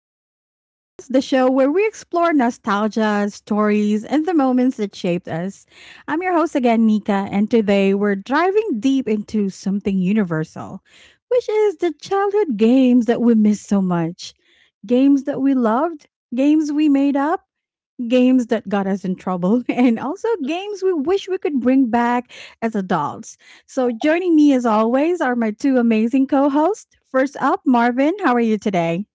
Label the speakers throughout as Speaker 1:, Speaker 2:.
Speaker 1: Lane podcast, the show where we explore nostalgia, stories, and the moments that shaped us. I'm your host again, Nika, and today we're driving deep into something universal, which is the childhood games that we miss so much. Games that we loved, games we made up, games that got us in trouble, and also games we wish we could bring back as adults. So, joining me as always are my two amazing co hosts. First up, Marvin, how are you today?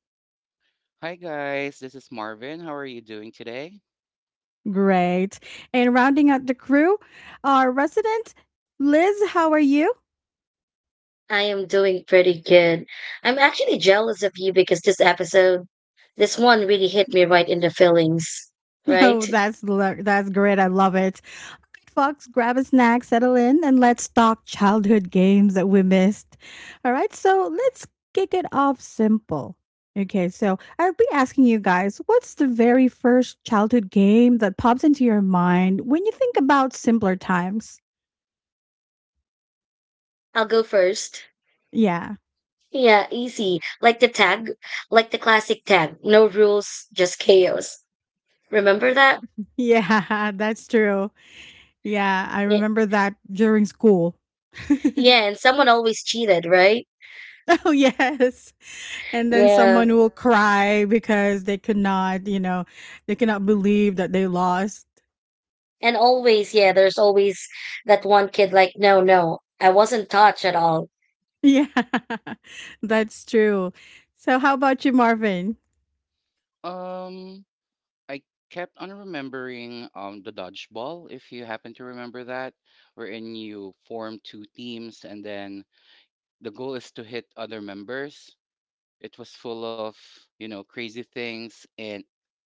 Speaker 2: Hi guys, this is Marvin. How are you doing today?
Speaker 1: Great. And rounding out the crew, our resident Liz, how are you?
Speaker 3: I am doing pretty good. I'm actually jealous of you because this episode, this one really hit me right in the feelings,
Speaker 1: Oh,
Speaker 3: right?
Speaker 1: that's great. I love it. Good Fox, grab a snack, settle in, and let's talk childhood games that we missed. All right, so let's kick it off simple. Okay, so I'll be asking you guys what's the very first childhood game that pops into your mind when you think about simpler times?
Speaker 3: I'll go first.
Speaker 1: Yeah,
Speaker 3: Yeah, easy. Like the tag, like the classic tag. No rules, just chaos. Remember that?
Speaker 1: yeah, that's true. Yeah, I
Speaker 3: Yeah,
Speaker 1: remember that during school.
Speaker 3: yeah, and someone always cheated, right?
Speaker 1: Oh, yes. And then
Speaker 3: Yeah.
Speaker 1: someone will cry because they could not, they cannot believe that they lost.
Speaker 3: And always, yeah, there's always that one kid like, no, no, I wasn't touched at all.
Speaker 1: Yeah, that's true. So how about you, Marvin?
Speaker 2: Um, I kept on remembering the dodgeball, if you happen to remember that, wherein you form two teams and then the goal is to hit other members. It was full of, crazy things and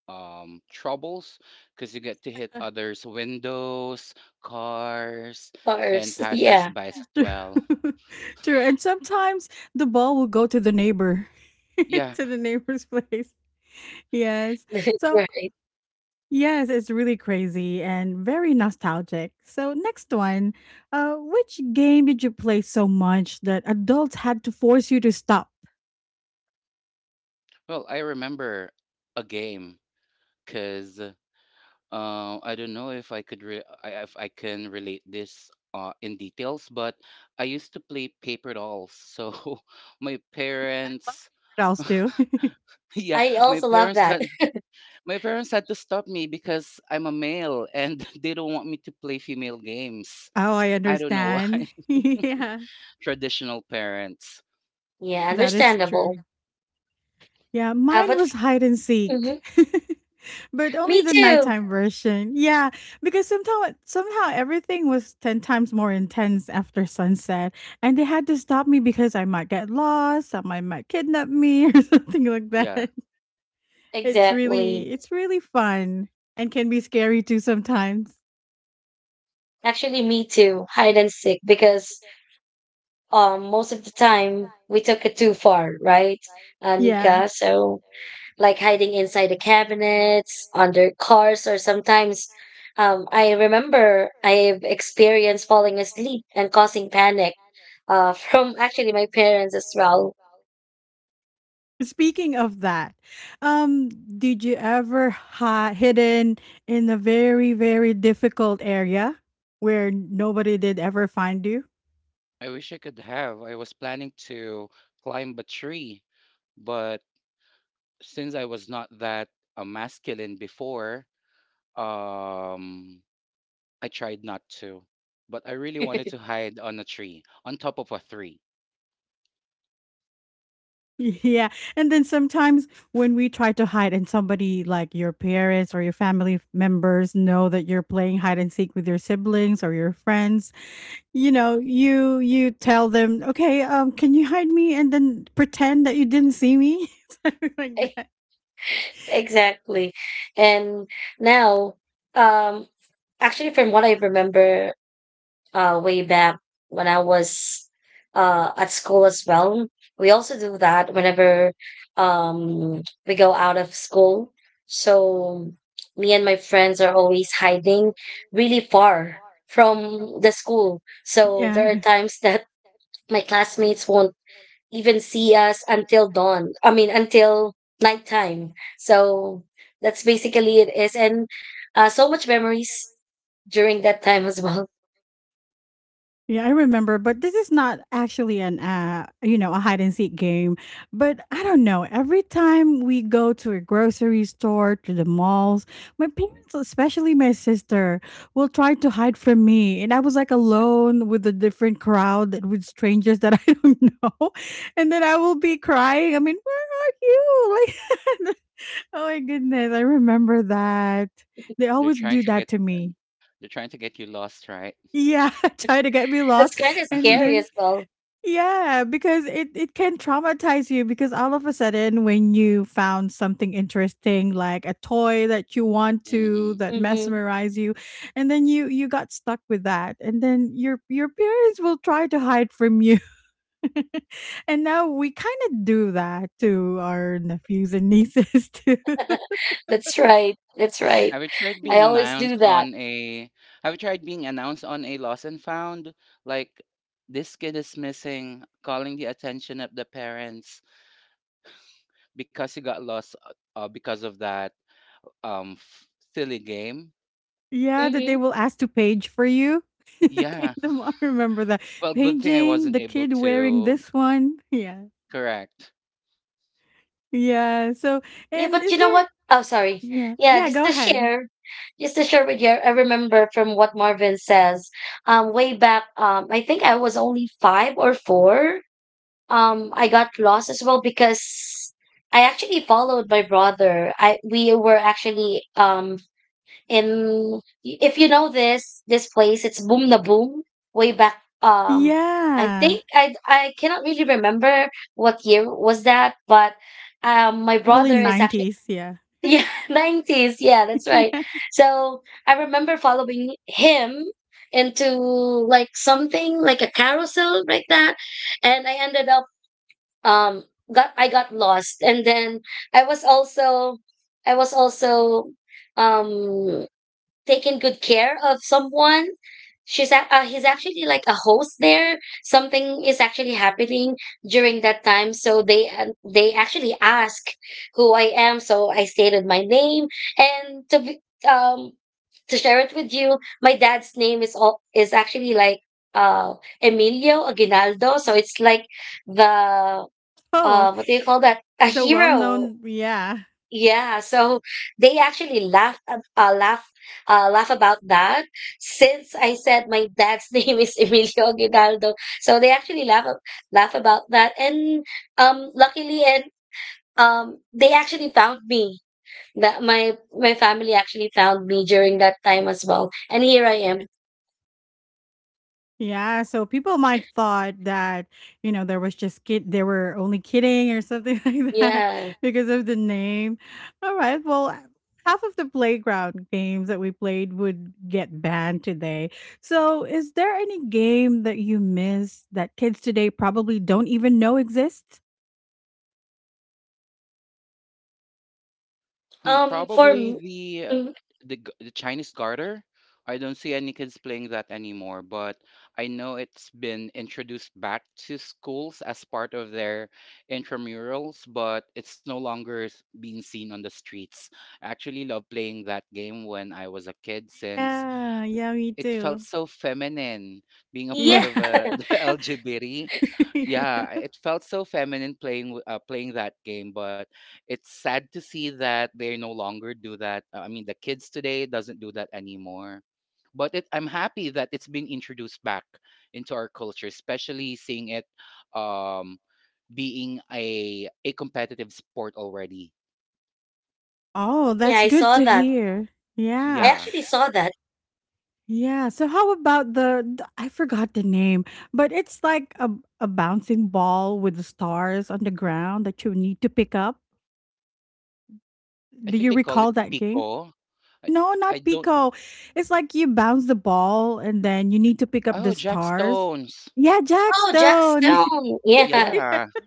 Speaker 2: troubles because you get to hit others' windows, cars,
Speaker 3: Of
Speaker 2: and
Speaker 3: course. Yeah.
Speaker 2: passersby as well.
Speaker 1: True. True. And sometimes the ball will go to the neighbor,
Speaker 2: Yeah.
Speaker 1: to the neighbor's place. Yes. So
Speaker 3: Right.
Speaker 1: yes, it's really crazy and very nostalgic. So next one, which game did you play so much that adults had to force you to stop?
Speaker 2: Well, I remember a game because I don't know if I could re- I, if I can relate this in details, but I used to play paper dolls. So my
Speaker 1: I love
Speaker 2: parents,
Speaker 1: what else do.
Speaker 2: yeah,
Speaker 3: I
Speaker 2: my
Speaker 3: also love
Speaker 2: parents
Speaker 3: that.
Speaker 2: had my parents had to stop me because I'm a male and they don't want me to play female games.
Speaker 1: Oh, I
Speaker 2: I don't know why.
Speaker 1: understand. Yeah,
Speaker 2: Traditional parents.
Speaker 3: Yeah,
Speaker 1: that is
Speaker 3: understandable.
Speaker 1: true. Yeah,
Speaker 3: How
Speaker 1: mine
Speaker 3: about
Speaker 1: was hide and seek.
Speaker 3: mhm.
Speaker 1: But only
Speaker 3: Me
Speaker 1: the
Speaker 3: too.
Speaker 1: nighttime version. Yeah, because somehow everything was 10 times more intense after sunset, and they had to stop me because I might get lost, someone might kidnap me or something like
Speaker 2: Yeah,
Speaker 1: that. It's
Speaker 3: Exactly.
Speaker 1: really it's really fun and can be scary too sometimes.
Speaker 3: Actually, me too. Hide and seek because most of the time we took it too far, right,
Speaker 1: Yeah.
Speaker 3: Nika? So like hiding inside the cabinets, under cars, or sometimes I remember I've experienced falling asleep and causing panic from actually my parents as well.
Speaker 1: Speaking of that, um, did you ever hi hidden in a very, very difficult area where nobody did ever find you?
Speaker 2: I wish I could have. I was planning to climb a tree, but since I was not that masculine before, Um, I tried not to, but I really wanted to hide on a tree, on top of a tree.
Speaker 1: Yeah, and then sometimes when we try to hide and somebody like your parents or your family members know that you're playing hide and seek with your siblings or your friends, you know, you tell them, "Okay, can you hide me? And then pretend that you didn't see me?" Like that.
Speaker 3: Exactly. And now um actually from what I remember way back when I was at school as well. We also do that whenever we go out of school. So me and my friends are always hiding really far from the school. So
Speaker 1: Yeah.
Speaker 3: there are times that my classmates won't even see us until dawn. I mean, until nighttime. So that's basically it is. And so much memories during that time as well.
Speaker 1: Yeah, I remember, but this is not actually a hide and seek game, but I don't know, every time we go to a grocery store, to the malls, my parents, especially my sister, will try to hide from me, and I was, like, alone with a different crowd and with strangers that I don't know, and then I will be crying, I mean, "Where are you?" Like oh my goodness, I remember that. They
Speaker 2: They're
Speaker 1: always
Speaker 2: trying
Speaker 1: do
Speaker 2: to
Speaker 1: that
Speaker 2: get,
Speaker 1: to
Speaker 2: uh,
Speaker 1: me.
Speaker 2: they're trying to get you lost, right?
Speaker 1: Yeah, try to get me
Speaker 3: That's
Speaker 1: lost.
Speaker 3: kind of
Speaker 1: And
Speaker 3: scary
Speaker 1: then
Speaker 3: as well.
Speaker 1: yeah, because it can traumatize you because all of a sudden when you found something interesting like a toy that you want to
Speaker 2: Hmm.
Speaker 1: that
Speaker 3: Hmm.
Speaker 1: mesmerize you, and then you got stuck with that, and then your parents will try to hide from you. And now we kind of do that to our nephews and nieces too.
Speaker 3: That's right. That's right.
Speaker 2: Have you tried
Speaker 1: Mm.
Speaker 3: I
Speaker 2: being
Speaker 3: always do
Speaker 2: announced
Speaker 3: that.
Speaker 2: on a? Have you tried being announced on a lost and found? Like this kid is missing, calling the attention of the parents because he got lost because of that um f- silly game.
Speaker 1: Yeah, that they
Speaker 3: Hmm.
Speaker 1: will ask to page for you. I
Speaker 2: Yeah.
Speaker 1: don't remember that,
Speaker 2: Well, good thing I
Speaker 1: paging
Speaker 2: wasn't
Speaker 1: the
Speaker 2: able
Speaker 1: kid wearing
Speaker 2: to.
Speaker 1: this one. Yeah,
Speaker 2: Correct.
Speaker 1: yeah. So,
Speaker 3: Yeah,
Speaker 1: and
Speaker 3: but
Speaker 1: is
Speaker 3: you know
Speaker 1: there?
Speaker 3: what? Oh, sorry.
Speaker 1: Yeah,
Speaker 3: Yeah,
Speaker 1: yeah.
Speaker 3: just
Speaker 1: Go
Speaker 3: to
Speaker 1: ahead.
Speaker 3: share, just to share with you, I remember from what Marvin says. Way back, I think I was only 5 or 4. I got lost as well because I actually followed my brother. I We were actually and if you know this place, it's Boom na Boom way back. I
Speaker 1: Yeah,
Speaker 3: think I cannot really remember what year was that, but my
Speaker 1: early
Speaker 3: brother is actually
Speaker 1: nineties. Yeah,
Speaker 3: yeah, nineties. Yeah, that's right.
Speaker 1: yeah.
Speaker 3: So I remember following him into like something like a carousel like that, and I ended up um got I got lost, and then I was also I was also um taking good care of someone. He's actually like a host there. Something is actually happening during that time, so they actually ask who I am. So I stated my name, and um to share it with you, my dad's name is actually like uh Emilio Aguinaldo. So it's like the
Speaker 1: Oh,
Speaker 3: what do you call that? A
Speaker 1: the
Speaker 3: hero.
Speaker 1: well-known. Yeah.
Speaker 3: Yeah, so they actually laugh ab- laugh laugh about that since I said my dad's name is Emilio Aguinaldo. So they actually laugh about that and luckily and they actually found me. That my family actually found me during that time as well. And here I am.
Speaker 1: Yeah, so people might thought that, there was just kid they were only kidding or something like that
Speaker 3: Yeah.
Speaker 1: because of the name. All right. Well, half of the playground games that we played would get banned today. So, is there any game that you miss that kids today probably don't even know exists?
Speaker 2: Hmm,
Speaker 3: Um for
Speaker 2: probably
Speaker 3: m-
Speaker 2: the uh,
Speaker 3: mm,
Speaker 2: the g- the Chinese garter. I don't see any kids playing that anymore, but I know it's been introduced back to schools as part of their intramurals, but it's no longer being seen on the streets. I actually love playing that game when I was a kid since
Speaker 1: Yeah, yeah, me
Speaker 2: it felt
Speaker 1: too.
Speaker 2: so feminine being a part
Speaker 3: yeah,
Speaker 1: Yeah.
Speaker 2: of a the LGBT.
Speaker 1: Yeah.
Speaker 2: Yeah, it felt so feminine playing that game, but it's sad to see that they no longer do that. I mean, the kids today doesn't do that anymore. I'm happy that it's been introduced back into our culture, especially seeing it um, being a competitive sport already.
Speaker 1: Oh,
Speaker 3: yeah,
Speaker 1: that's
Speaker 3: I
Speaker 1: good
Speaker 3: saw
Speaker 1: to
Speaker 3: that.
Speaker 1: hear.
Speaker 3: I
Speaker 1: Yeah.
Speaker 2: Yeah,
Speaker 3: actually saw that.
Speaker 1: Yeah, so how about the I forgot the name, but it's like a bouncing ball with the stars on the ground that you need to pick up.
Speaker 2: I
Speaker 1: Do
Speaker 2: think
Speaker 1: you
Speaker 2: they call it
Speaker 1: recall that game?
Speaker 2: pico. I,
Speaker 1: No,
Speaker 2: I
Speaker 1: not
Speaker 2: don't.
Speaker 1: Pico. It's like you bounce the ball and then you need to pick up the
Speaker 2: Oh, Jack
Speaker 1: stars.
Speaker 2: Stones.
Speaker 1: Yeah,
Speaker 3: Oh, Jack
Speaker 1: Jackstone.
Speaker 3: Stone. Yeah.
Speaker 2: Yeah.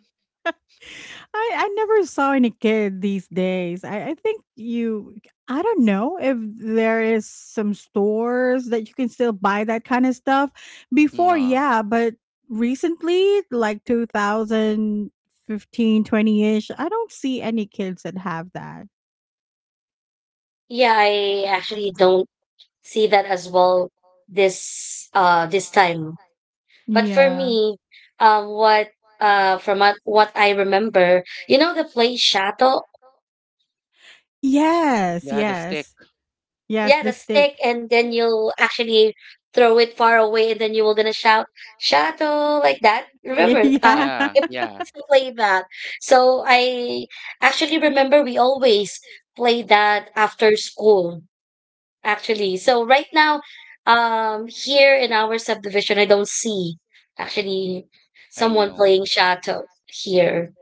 Speaker 1: I never saw any kid these days. I think you I don't know if there is some stores that you can still buy that kind of stuff. Before,
Speaker 2: No.
Speaker 1: yeah, but recently like 2015 20 ish I don't see any kids that have that.
Speaker 3: Yeah, I actually don't see that as well this time. But for
Speaker 1: Yeah.
Speaker 3: me, what from what I remember, you know the play Shato?
Speaker 1: Yes,
Speaker 2: Yeah, the stick.
Speaker 1: yes. Yes,
Speaker 3: Yeah,
Speaker 1: the
Speaker 3: the stick
Speaker 1: stick.
Speaker 3: and then you'll actually throw it far away and then you will gonna shout Shato like that. Remember
Speaker 1: Yeah.
Speaker 2: Yeah,
Speaker 3: if we
Speaker 2: yeah.
Speaker 3: used to play that. So I actually remember we always play that after school. Actually, so right now, here in our subdivision, I don't see actually
Speaker 2: I
Speaker 3: someone
Speaker 2: know.
Speaker 3: playing shadow here.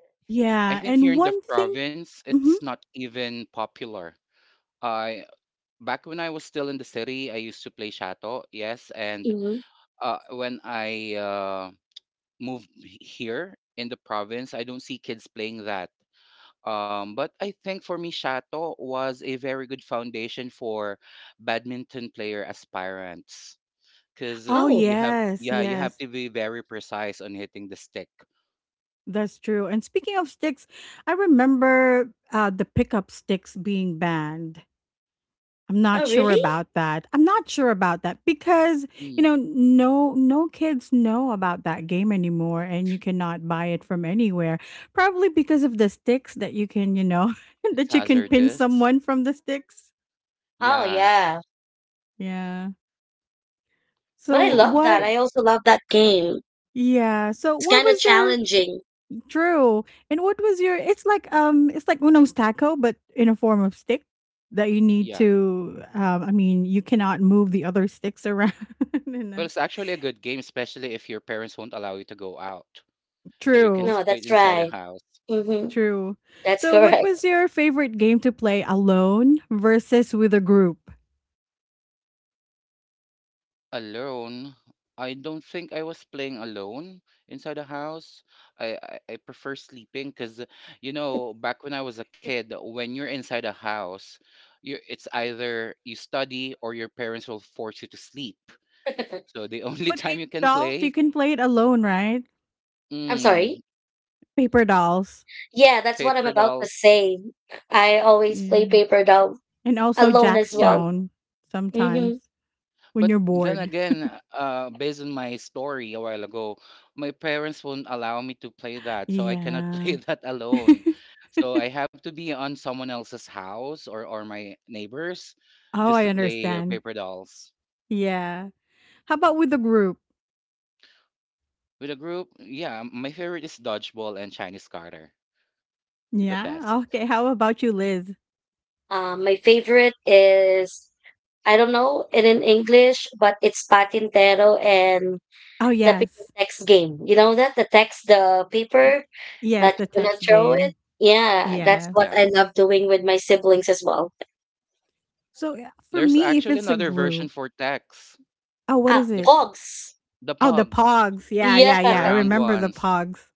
Speaker 2: I
Speaker 1: Yeah,
Speaker 2: think here
Speaker 1: and
Speaker 2: in the
Speaker 1: one thing.
Speaker 2: province,
Speaker 1: Mhm.
Speaker 2: it's not even popular. I Back when I was still in the city, I used to play shato. Yes, and
Speaker 3: Hmm.
Speaker 2: when I here in the province, I don't see kids playing that. But I think for me, shato was a very good foundation for badminton player aspirants. Because
Speaker 1: Oh
Speaker 3: Oh,
Speaker 1: yes,
Speaker 2: yeah, you have
Speaker 1: yes.
Speaker 2: to be very precise on hitting the stick.
Speaker 1: That's true. And speaking of sticks, I remember the pickup sticks being banned. I'm not
Speaker 3: oh,
Speaker 1: sure
Speaker 3: really?
Speaker 1: about that. I'm not sure about that because
Speaker 2: Mm,
Speaker 1: no kids know about that game anymore, and you cannot buy it from anywhere. Probably because of the sticks that you can
Speaker 2: it's
Speaker 1: that you can pin
Speaker 2: hazardous.
Speaker 1: someone from the sticks.
Speaker 3: Oh,
Speaker 2: Yeah,
Speaker 3: yeah.
Speaker 1: Yeah.
Speaker 3: But I
Speaker 1: So
Speaker 3: love that.
Speaker 1: what?
Speaker 3: I also love that game.
Speaker 1: Yeah. So
Speaker 3: It's
Speaker 1: what
Speaker 3: kind of
Speaker 1: was your?
Speaker 3: challenging.
Speaker 1: True. And what was your? It's like Uno's taco but in a form of stick that you need
Speaker 2: yeah.
Speaker 1: to I mean you cannot move the other sticks around. And,
Speaker 2: But it's actually a good game, especially if your parents won't allow you to go out. So you can
Speaker 1: true.
Speaker 3: No,
Speaker 2: just play it
Speaker 3: that's
Speaker 2: inside the
Speaker 3: right.
Speaker 2: house.
Speaker 3: Hmm.
Speaker 1: True.
Speaker 3: That's
Speaker 1: So, what
Speaker 3: correct.
Speaker 1: was your favorite game to play alone versus with a group?
Speaker 2: Alone, I don't think I was playing alone inside the house. I prefer sleeping because, back when I was a kid, when you're inside a house, you it's either you study or your parents will force you to sleep. So the only
Speaker 1: But
Speaker 2: time
Speaker 1: paper
Speaker 2: you can
Speaker 1: dolls, you
Speaker 2: play,
Speaker 1: can play it alone, right?
Speaker 3: I'm
Speaker 2: mm,
Speaker 3: sorry.
Speaker 1: Paper dolls.
Speaker 3: Yeah, that's what I'm
Speaker 2: paper
Speaker 3: about to
Speaker 2: dolls.
Speaker 3: say. I always play
Speaker 1: Yeah.
Speaker 3: paper doll
Speaker 1: And also
Speaker 3: alone
Speaker 1: Jack
Speaker 3: as
Speaker 2: Yeah.
Speaker 3: well.
Speaker 1: Stone
Speaker 3: Hmm.
Speaker 1: sometimes when
Speaker 2: But
Speaker 1: you're
Speaker 2: then
Speaker 1: bored.
Speaker 2: again, based on my story a while ago, my parents won't allow me to play that. So I cannot
Speaker 1: Yeah.
Speaker 2: play that alone. So I have to be on someone else's house or my neighbors
Speaker 1: Oh,
Speaker 2: just
Speaker 1: I
Speaker 2: to play
Speaker 1: understand.
Speaker 2: paper dolls.
Speaker 1: Yeah. How about with the group?
Speaker 2: With a group, yeah, my favorite is dodgeball and Chinese Carter. The
Speaker 1: Yeah.
Speaker 2: best.
Speaker 1: Okay. How about you, Liz?
Speaker 3: My favorite is I don't know it in English, but it's Patintero and
Speaker 1: Oh,
Speaker 3: the paper
Speaker 1: yes.
Speaker 3: text game. You know, that the text, the
Speaker 1: Y-
Speaker 3: paper
Speaker 1: Yes,
Speaker 3: that
Speaker 1: the
Speaker 3: you're gonna
Speaker 1: text
Speaker 3: throw
Speaker 1: game.
Speaker 3: it. Yeah, that's what
Speaker 1: Yes.
Speaker 2: Yeah.
Speaker 3: I love doing with my siblings as well.
Speaker 1: So yeah, for
Speaker 2: There's
Speaker 1: me, if
Speaker 2: actually
Speaker 1: it's a
Speaker 2: another version
Speaker 1: group,
Speaker 2: for text.
Speaker 1: oh, what
Speaker 3: Ah,
Speaker 1: is
Speaker 2: The
Speaker 1: it?
Speaker 3: Pogs.
Speaker 2: the
Speaker 1: Oh, the
Speaker 2: pogs,
Speaker 1: pogs. Yeah,
Speaker 3: Yeah,
Speaker 1: yeah,
Speaker 2: the
Speaker 1: yeah. I
Speaker 2: round
Speaker 1: remember the
Speaker 2: ones.
Speaker 1: pogs.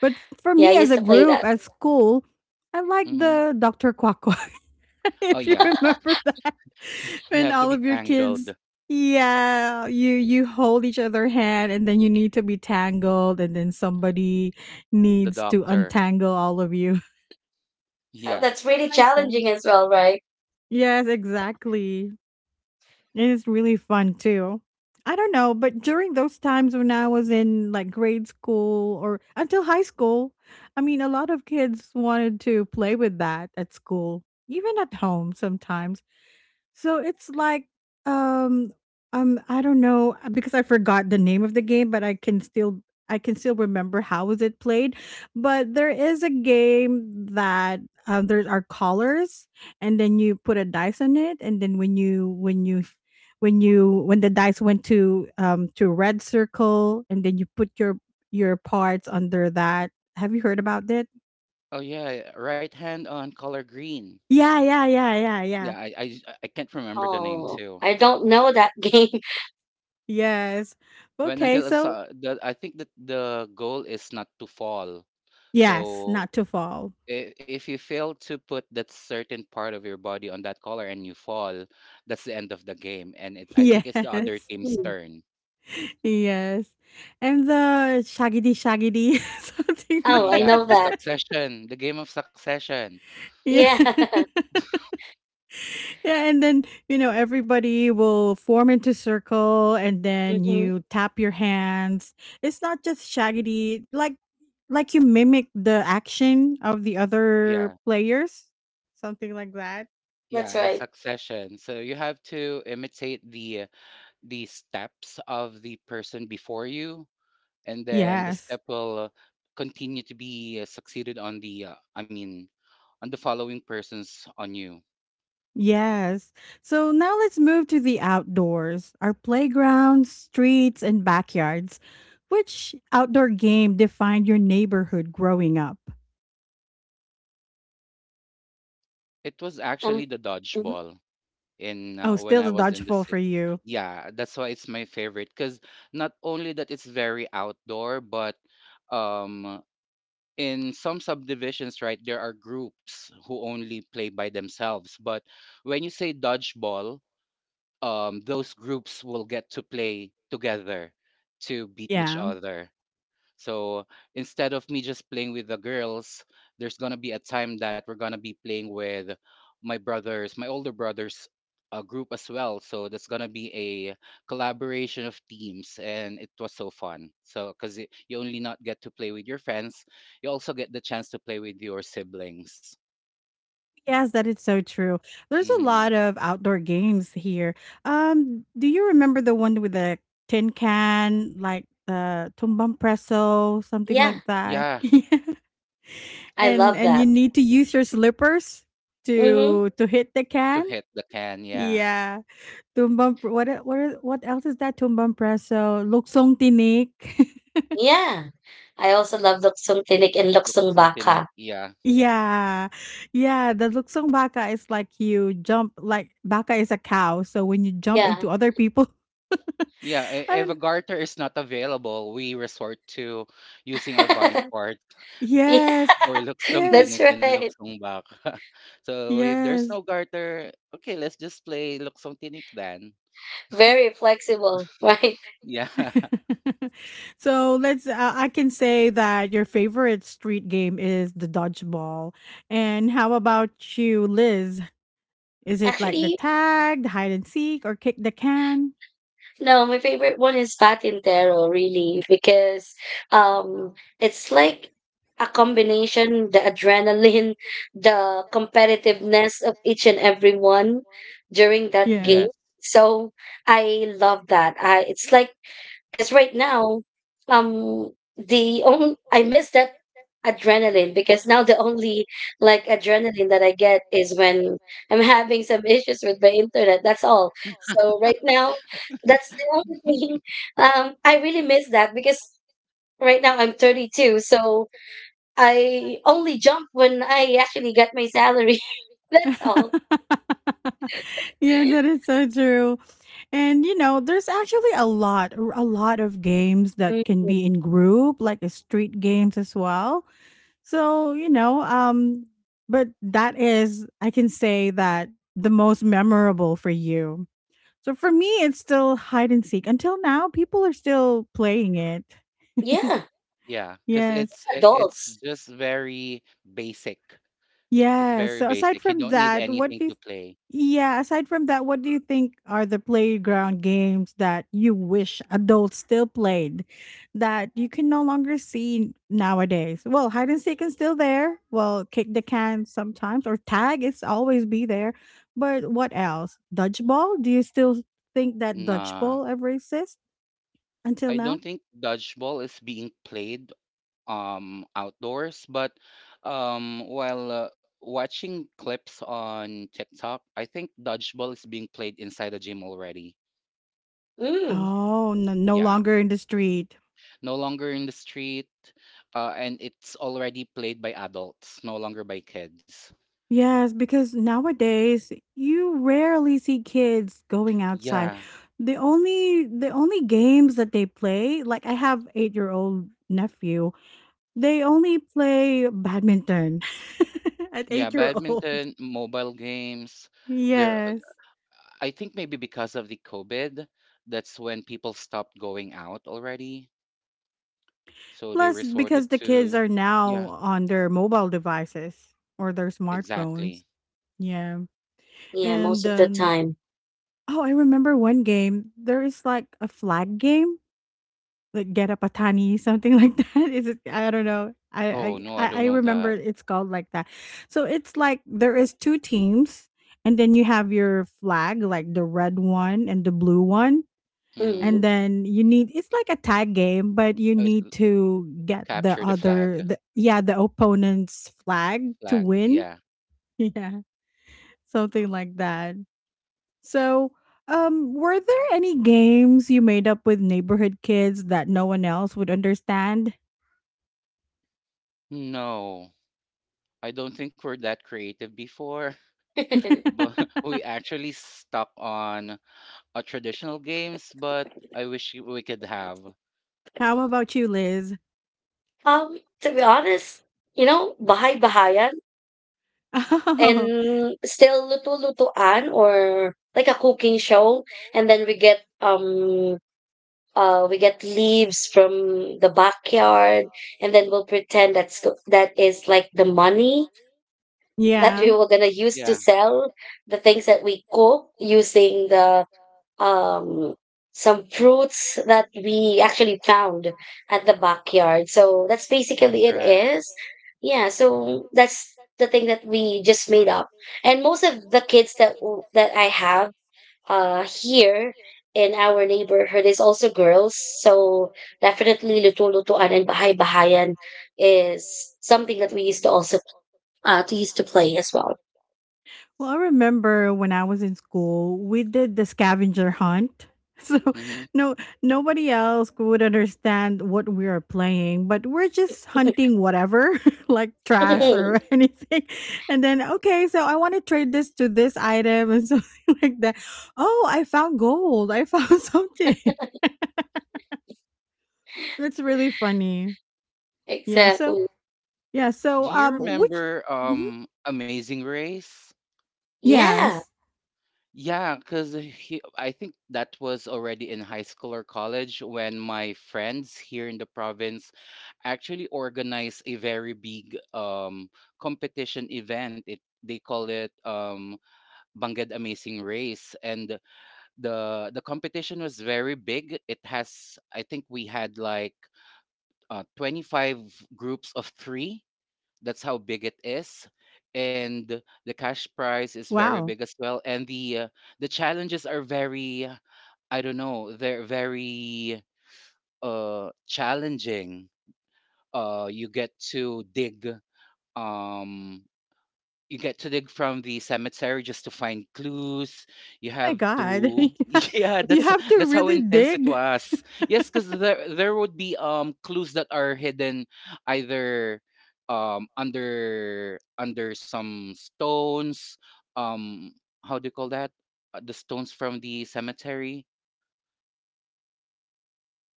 Speaker 1: But for
Speaker 3: yeah, I
Speaker 1: me, as
Speaker 3: used
Speaker 1: a
Speaker 3: to play
Speaker 1: group,
Speaker 3: that.
Speaker 1: at school, I like
Speaker 2: Mhm.
Speaker 1: the Dr. Quacko.
Speaker 2: Oh
Speaker 1: If you
Speaker 2: yeah,
Speaker 1: remember that,
Speaker 2: you
Speaker 1: when
Speaker 2: have to
Speaker 1: all
Speaker 2: be
Speaker 1: of your kids,
Speaker 2: tangled.
Speaker 1: yeah, you hold each other hand, and then you need to be tangled, and then somebody
Speaker 2: The
Speaker 1: needs to
Speaker 2: doctor.
Speaker 1: untangle all of you
Speaker 3: Oh,
Speaker 2: Yeah.
Speaker 3: that's really
Speaker 1: like that.
Speaker 3: challenging as well, right?
Speaker 1: Yes, exactly. It is really fun too. I don't know, but during those times when I was in like grade school or until high school, I mean, a lot of kids wanted to play with that at school, even at home sometimes. So it's like, um, I don't know because I forgot the name of the game, but I can still remember how was it played. But there is a game that there are colors, and then you put a dice on it, and then when the dice went to red circle, and then you put your parts under that. Have you heard about that?
Speaker 2: Oh yeah, right hand on color green.
Speaker 1: Yeah, yeah, yeah, yeah,
Speaker 2: Yeah,
Speaker 1: yeah.
Speaker 2: I can't remember the name
Speaker 3: Oh,
Speaker 2: too.
Speaker 3: I don't know that game.
Speaker 1: Yes.
Speaker 2: When
Speaker 1: Okay,
Speaker 2: until it's,
Speaker 1: so
Speaker 2: the I think that the goal is not to fall.
Speaker 1: yes,
Speaker 2: So
Speaker 1: not to fall.
Speaker 2: if you fail to put that certain part of your body on that color and you fall, that's the end of the game. I think it's the other
Speaker 1: Yes,
Speaker 2: team's
Speaker 3: Mm.
Speaker 2: turn.
Speaker 1: yes, and the shaggy shaggedy something like
Speaker 3: Oh, I
Speaker 2: Yeah,
Speaker 3: know
Speaker 2: the
Speaker 3: that.
Speaker 1: that.
Speaker 2: succession, the game of succession.
Speaker 1: Yeah.
Speaker 3: Yeah.
Speaker 1: Yeah, and then, everybody will form into circle and then
Speaker 3: Hmm.
Speaker 1: you tap your hands. It's not just shaggedy, like you mimic the action of the
Speaker 2: Yeah.
Speaker 1: other players, something like that.
Speaker 3: That's
Speaker 2: Yeah, it's
Speaker 3: right.
Speaker 2: succession. So you have to imitate the steps of the person before you, and then the
Speaker 1: Yes.
Speaker 2: step will continue to be succeeded on on the following persons on you.
Speaker 1: Yes. So now let's move to the outdoors, our playgrounds, streets, and backyards. Which outdoor game defined your neighborhood growing up?
Speaker 2: It was
Speaker 3: Um,
Speaker 2: actually the
Speaker 3: mhm.
Speaker 2: dodgeball in
Speaker 1: Oh,
Speaker 2: when
Speaker 1: still
Speaker 2: I
Speaker 1: the
Speaker 2: was in the
Speaker 1: dodgeball for
Speaker 2: city.
Speaker 1: you.
Speaker 2: Yeah, that's why it's my favorite because not only that it's very outdoor, but um in some subdivisions, right, there are groups who only play by themselves. But when you say dodgeball, those groups will get to play together to beat each
Speaker 1: Yeah.
Speaker 2: other. So instead of me just playing with the girls, there's gonna be a time that we're gonna be playing with my brothers, my older brothers, group as well. So that's gonna be a collaboration of teams, and it was so fun. So because you only not get to play with your friends, you also get the chance to play with your siblings.
Speaker 1: Yes, that is so true. There's a
Speaker 2: Hmm.
Speaker 1: lot of outdoor games here. Do you remember the one with the tin can, like the tumbang preso, something
Speaker 3: Yeah.
Speaker 1: like that?
Speaker 2: Yeah,
Speaker 1: Yeah.
Speaker 3: I
Speaker 1: And
Speaker 3: love
Speaker 1: and you
Speaker 3: that.
Speaker 1: need to use your slippers
Speaker 3: Mhm.
Speaker 1: to hit the
Speaker 2: to
Speaker 1: can?
Speaker 2: hit the can. Yeah,
Speaker 1: Yeah, tumbang pr what e what e what else is that? Tumbang preso, luksong tinik.
Speaker 3: Yeah. I also love luksong tinik and
Speaker 2: look
Speaker 3: luksong
Speaker 2: something.
Speaker 3: baka.
Speaker 2: Yeah,
Speaker 1: Yeah, yeah, the luksong baka is like you jump, like baka is a cow, so when you jump
Speaker 3: Yeah.
Speaker 1: into other people
Speaker 2: yeah.
Speaker 1: I
Speaker 2: If a
Speaker 1: don't
Speaker 2: garter is not available, we resort to using our body
Speaker 1: know.
Speaker 2: parts.
Speaker 3: Yeah,
Speaker 1: Yes,
Speaker 2: Or luksong
Speaker 3: that's
Speaker 1: yes,
Speaker 2: tinik and
Speaker 3: right.
Speaker 2: luksong baka. So, if there's no
Speaker 1: yes.
Speaker 2: garter, okay, let's just play luksong tinik then.
Speaker 3: Very flexible, right?
Speaker 2: Yeah.
Speaker 1: So, let's I can say that your favorite street game is the dodgeball, and how about you, Liz? Is it like the
Speaker 3: Actually,
Speaker 1: tag, the hide and seek, or kick the can?
Speaker 3: no, my favorite one is patintero, really, because um it's like a combination, the adrenaline, the competitiveness of each and every one during that game.
Speaker 2: Yes.
Speaker 3: So I love that. I It's like, because right now, um, the only I miss that adrenaline because now the only like adrenaline that I get is when I'm having some issues with my internet. That's all. So right now, that's the only thing. I really miss that because right now I'm 32, so I only jump when I actually get my salary. That's all.
Speaker 1: Yeah, that is so true. And you know, there's actually a lot, a lot of games that
Speaker 3: Mm,
Speaker 1: can be in group, like street games as well. So but that is, I can say that the most memorable for you. So for me, it's still hide and seek. Until now, people are still playing it.
Speaker 3: yeah,
Speaker 2: Yeah. Cause
Speaker 1: Yes.
Speaker 2: it's
Speaker 3: adults.
Speaker 2: just very basic. It's
Speaker 1: Yeah.
Speaker 2: very
Speaker 1: So aside
Speaker 2: basic. You
Speaker 1: from
Speaker 2: don't need
Speaker 1: that, what
Speaker 2: anything
Speaker 1: do you
Speaker 2: to
Speaker 1: th-
Speaker 2: play.
Speaker 1: yeah, aside from that, what do you think are the playground games that you wish adults still played that you can no longer see nowadays? Well, hide and seek is still there. Well, kick the can sometimes or tag is always be there. But what else? Dodgeball? Do you still think that
Speaker 2: Nah.
Speaker 1: dodgeball ever exists until
Speaker 2: I
Speaker 1: now?
Speaker 2: don't think dodgeball is being played outdoors, but while watching clips on TikTok, I think dodgeball is being played inside a gym already.
Speaker 3: Mm,
Speaker 1: Oh, no, no
Speaker 2: Yeah.
Speaker 1: longer in the street.
Speaker 2: No longer in the street, and it's already played by adults, no longer by kids.
Speaker 1: Yes, because nowadays you rarely see kids going outside.
Speaker 2: Yeah,
Speaker 1: The only games that they play, like I have 8-year-old nephew, they only play badminton at
Speaker 2: yeah,
Speaker 1: 8-year-old.
Speaker 2: badminton, mobile games. There, uh,
Speaker 1: Yes.
Speaker 2: I think maybe because of the COVID, that's when people stopped going out already. So they
Speaker 1: Plus because
Speaker 2: resorted
Speaker 1: the kids
Speaker 2: to,
Speaker 1: are
Speaker 2: yeah,
Speaker 1: now on their mobile devices or their
Speaker 2: exactly.
Speaker 1: smartphones. Yeah.
Speaker 3: yeah,
Speaker 1: And
Speaker 3: most of the
Speaker 1: then
Speaker 3: time.
Speaker 1: oh, I remember one game. There is like a flag game. Like get a patani something like that. Is it? I don't know. I
Speaker 2: Oh
Speaker 1: I
Speaker 2: no, I
Speaker 1: I
Speaker 2: don't
Speaker 1: I
Speaker 2: know
Speaker 1: remember
Speaker 2: that.
Speaker 1: it's called like that. So it's like there is 2 teams and then you have your flag, like the red one and the blue one.
Speaker 2: Mm-hmm.
Speaker 1: And
Speaker 3: Mm.
Speaker 1: then you need it's like a tag game, but you
Speaker 2: Oh,
Speaker 1: need to get the
Speaker 2: capture the flag.
Speaker 1: other the yeah, the opponent's flag to
Speaker 2: Flag,
Speaker 1: win.
Speaker 2: yeah.
Speaker 1: Yeah. Something like that. So, were there any games you made up with neighborhood kids that no one else would understand?
Speaker 2: No, I don't think we're that creative before. But we actually stuck on traditional games, but I wish we could have.
Speaker 1: How about you, Liz?
Speaker 3: To be honest, bahay-bahayan
Speaker 1: Oh,
Speaker 3: and still luto-lutuan or like a cooking show, and then we get leaves from the backyard, and then we'll pretend that is like the money that
Speaker 1: yeah.
Speaker 3: we were gonna use to
Speaker 2: Yeah,
Speaker 3: sell the things that we cook using the um some fruits that we actually found at the backyard. So that's basically it
Speaker 2: grass.
Speaker 3: is. Yeah, so that's the thing that we just made up. And most of the kids that I have here in our neighborhood is also girls. So definitely luto-lutuan and bahay-bahayan is something that we used to also to used to play as well.
Speaker 1: Well, I remember when I was in school, we did the scavenger hunt. So
Speaker 2: Mm-hmm.
Speaker 1: no nobody else would understand what we are playing, but we're just hunting whatever, like trash
Speaker 2: Yeah.
Speaker 1: or anything. And then okay, so I want to trade this to this item and something like that. Oh, I found gold. I found something. That's really funny. Yeah, so
Speaker 3: Exactly.
Speaker 2: Do you
Speaker 1: which.
Speaker 2: remember
Speaker 1: Mhm.
Speaker 2: Amazing Race?
Speaker 3: Yeah.
Speaker 1: Yes.
Speaker 2: Yeah, because I think that was already in high school or college when my friends here in the province actually organized a very big competition event. It They call it Banged Amazing Race, and the competition was very big. It has i think we had like 25 groups of three. That's how big it is. And the cash prize is very
Speaker 1: Wow.
Speaker 2: big as well. And the challenges are very, I don't know, they're very challenging. You get to dig um from the cemetery just to find clues. You
Speaker 1: Oh my
Speaker 2: have
Speaker 1: god.
Speaker 2: to
Speaker 1: Yeah.
Speaker 2: yeah,
Speaker 1: You
Speaker 2: that's
Speaker 1: have to
Speaker 2: that's how
Speaker 1: really
Speaker 2: intense it
Speaker 1: dig
Speaker 2: was. Yes, because there would be clues that are hidden either under some stones. Um, how do you call that? The stones from the cemetery.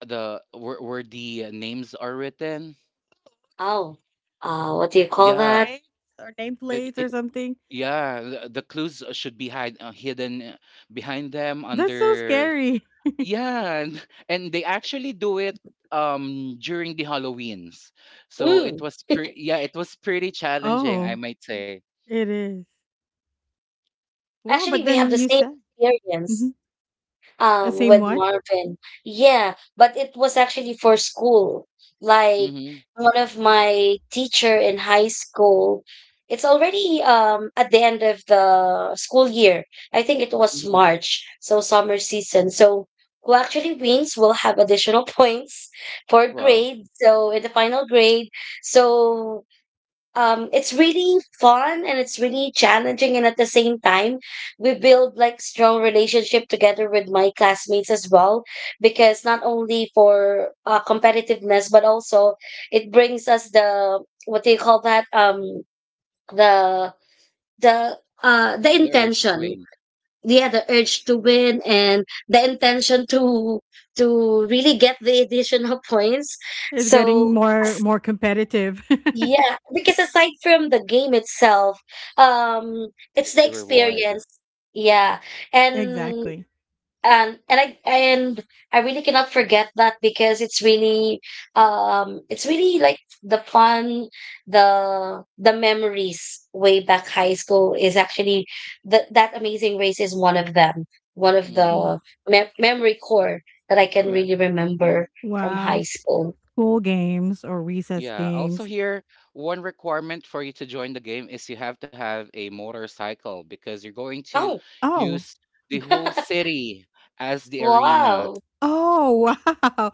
Speaker 2: The where the names are written.
Speaker 3: Oh, what do you call
Speaker 2: Yeah,
Speaker 3: that?
Speaker 1: plates or
Speaker 2: It,
Speaker 1: nameplates
Speaker 2: it,
Speaker 1: or something.
Speaker 2: yeah, the clues should be hidden behind them
Speaker 1: That's so
Speaker 2: under.
Speaker 1: scary.
Speaker 2: Yeah, and they actually do it during the Halloweens. So
Speaker 3: Mm,
Speaker 2: yeah, it was pretty challenging, I
Speaker 1: Oh,
Speaker 2: might say.
Speaker 1: it is. Wow,
Speaker 3: actually,
Speaker 1: but
Speaker 3: we have
Speaker 1: then
Speaker 3: the
Speaker 1: you
Speaker 3: same
Speaker 1: said.
Speaker 3: experience
Speaker 1: Mhm. Same
Speaker 3: with
Speaker 1: what?
Speaker 3: Marvin. Yeah, but it was actually for school. Like
Speaker 2: Mhm.
Speaker 3: one of my teacher in high school, it's already at the end of the school year. I think it was
Speaker 2: Mm-hmm.
Speaker 3: March, so summer season. So who actually wins will have additional points for
Speaker 2: Wow.
Speaker 3: grade. So in the final grade, so it's really fun and it's really challenging, and at the same time we build like strong relationship together with my classmates as well because not only for competitiveness but also it brings us the what do you call that, the the the
Speaker 2: The urge to
Speaker 3: intention,
Speaker 2: win
Speaker 3: yeah, the urge to win and the intention to really get the additional points.
Speaker 1: It's getting
Speaker 3: So
Speaker 1: more competitive.
Speaker 3: yeah, because aside from the game itself, um,
Speaker 2: is
Speaker 3: it's
Speaker 2: the
Speaker 3: the
Speaker 2: reward.
Speaker 3: experience. Yeah, and
Speaker 1: Exactly.
Speaker 3: and I really cannot forget that because it's really like the fun, the memories way back high school is actually that amazing race is one of them, one of
Speaker 1: Wa-
Speaker 3: the
Speaker 2: Mhm.
Speaker 3: me memory core that I can
Speaker 2: Correct.
Speaker 3: really remember from
Speaker 1: Wow.
Speaker 3: high
Speaker 1: Speaking
Speaker 3: school.
Speaker 1: of school games or recess
Speaker 2: Yeah. Also
Speaker 1: games.
Speaker 2: here, one requirement for you to join the game is you have to have a motorcycle because you're going to
Speaker 3: Oh,
Speaker 1: Oh.
Speaker 2: use the whole city as the arena.
Speaker 3: wow.
Speaker 1: Oh, wow.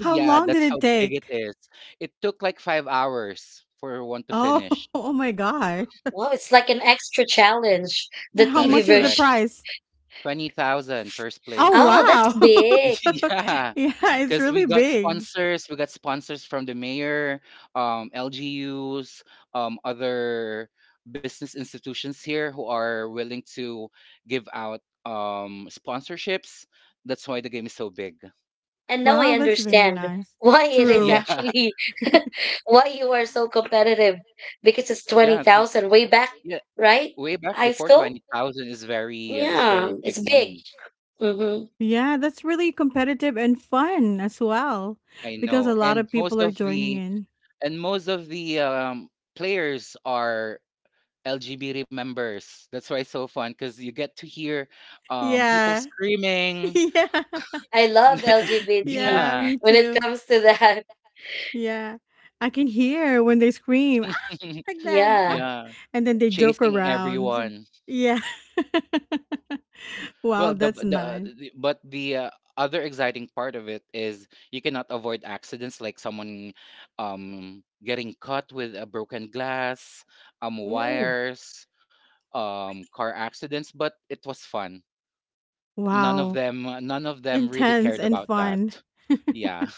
Speaker 1: How
Speaker 2: Yeah,
Speaker 1: long did
Speaker 2: that's
Speaker 1: it
Speaker 2: how big it
Speaker 1: take?
Speaker 2: is. It took like 5 hours for one to
Speaker 1: Oh,
Speaker 2: finish.
Speaker 1: oh my god.
Speaker 3: Wow, it's like an extra challenge. The
Speaker 1: How
Speaker 2: That
Speaker 3: TV
Speaker 2: is
Speaker 1: much is the
Speaker 2: correct.
Speaker 3: version.
Speaker 1: price?
Speaker 2: 20,000, first
Speaker 1: Oh,
Speaker 2: place.
Speaker 3: Oh, that's
Speaker 1: wow.
Speaker 3: big.
Speaker 1: So,
Speaker 2: Yeah,
Speaker 1: yeah, it's
Speaker 2: because
Speaker 1: really
Speaker 2: we got
Speaker 1: big.
Speaker 2: sponsors. We got sponsors from the mayor, LGUs, other business institutions here who are willing to give out sponsorships. That's why the game is so big.
Speaker 3: And now I
Speaker 1: Wow, that's very
Speaker 3: understand
Speaker 1: nice.
Speaker 3: why it is
Speaker 1: True.
Speaker 2: Yeah,
Speaker 3: actually why you are so competitive because it's
Speaker 2: yeah,
Speaker 3: 20,000 way back,
Speaker 2: yeah.
Speaker 3: right?
Speaker 2: Way back
Speaker 3: High
Speaker 2: before twenty
Speaker 3: school?
Speaker 2: thousand is very
Speaker 3: Yeah,
Speaker 2: big
Speaker 3: it's big.
Speaker 2: money.
Speaker 3: Mm-hmm.
Speaker 1: Yeah, that's really competitive and fun as well
Speaker 2: I
Speaker 1: because
Speaker 2: know,
Speaker 1: a lot
Speaker 2: and
Speaker 1: of people are joining in.
Speaker 2: most of the players are LGB remembers. That's why it's so fun because you get to hear people
Speaker 1: Yeah.
Speaker 2: screaming.
Speaker 1: Yeah.
Speaker 3: I love LGBT
Speaker 1: Yeah,
Speaker 2: Yeah,
Speaker 1: me
Speaker 3: when it
Speaker 1: too.
Speaker 3: comes to that.
Speaker 1: Yeah. I can hear when they scream ah, like that. Ah.
Speaker 3: Yeah.
Speaker 2: yeah,
Speaker 1: And then they joke
Speaker 2: chasing
Speaker 1: around.
Speaker 2: everyone.
Speaker 1: Yeah. Wow,
Speaker 2: Well,
Speaker 1: that's nice.
Speaker 2: the- but the other exciting part of it is you cannot avoid accidents like someone getting cut with a broken glass,
Speaker 3: Mm.
Speaker 2: wires, car accidents. But it was fun.
Speaker 1: Wow.
Speaker 2: None of them really
Speaker 1: Intense
Speaker 2: cared
Speaker 1: and
Speaker 2: about
Speaker 1: fun.
Speaker 2: that. Yeah,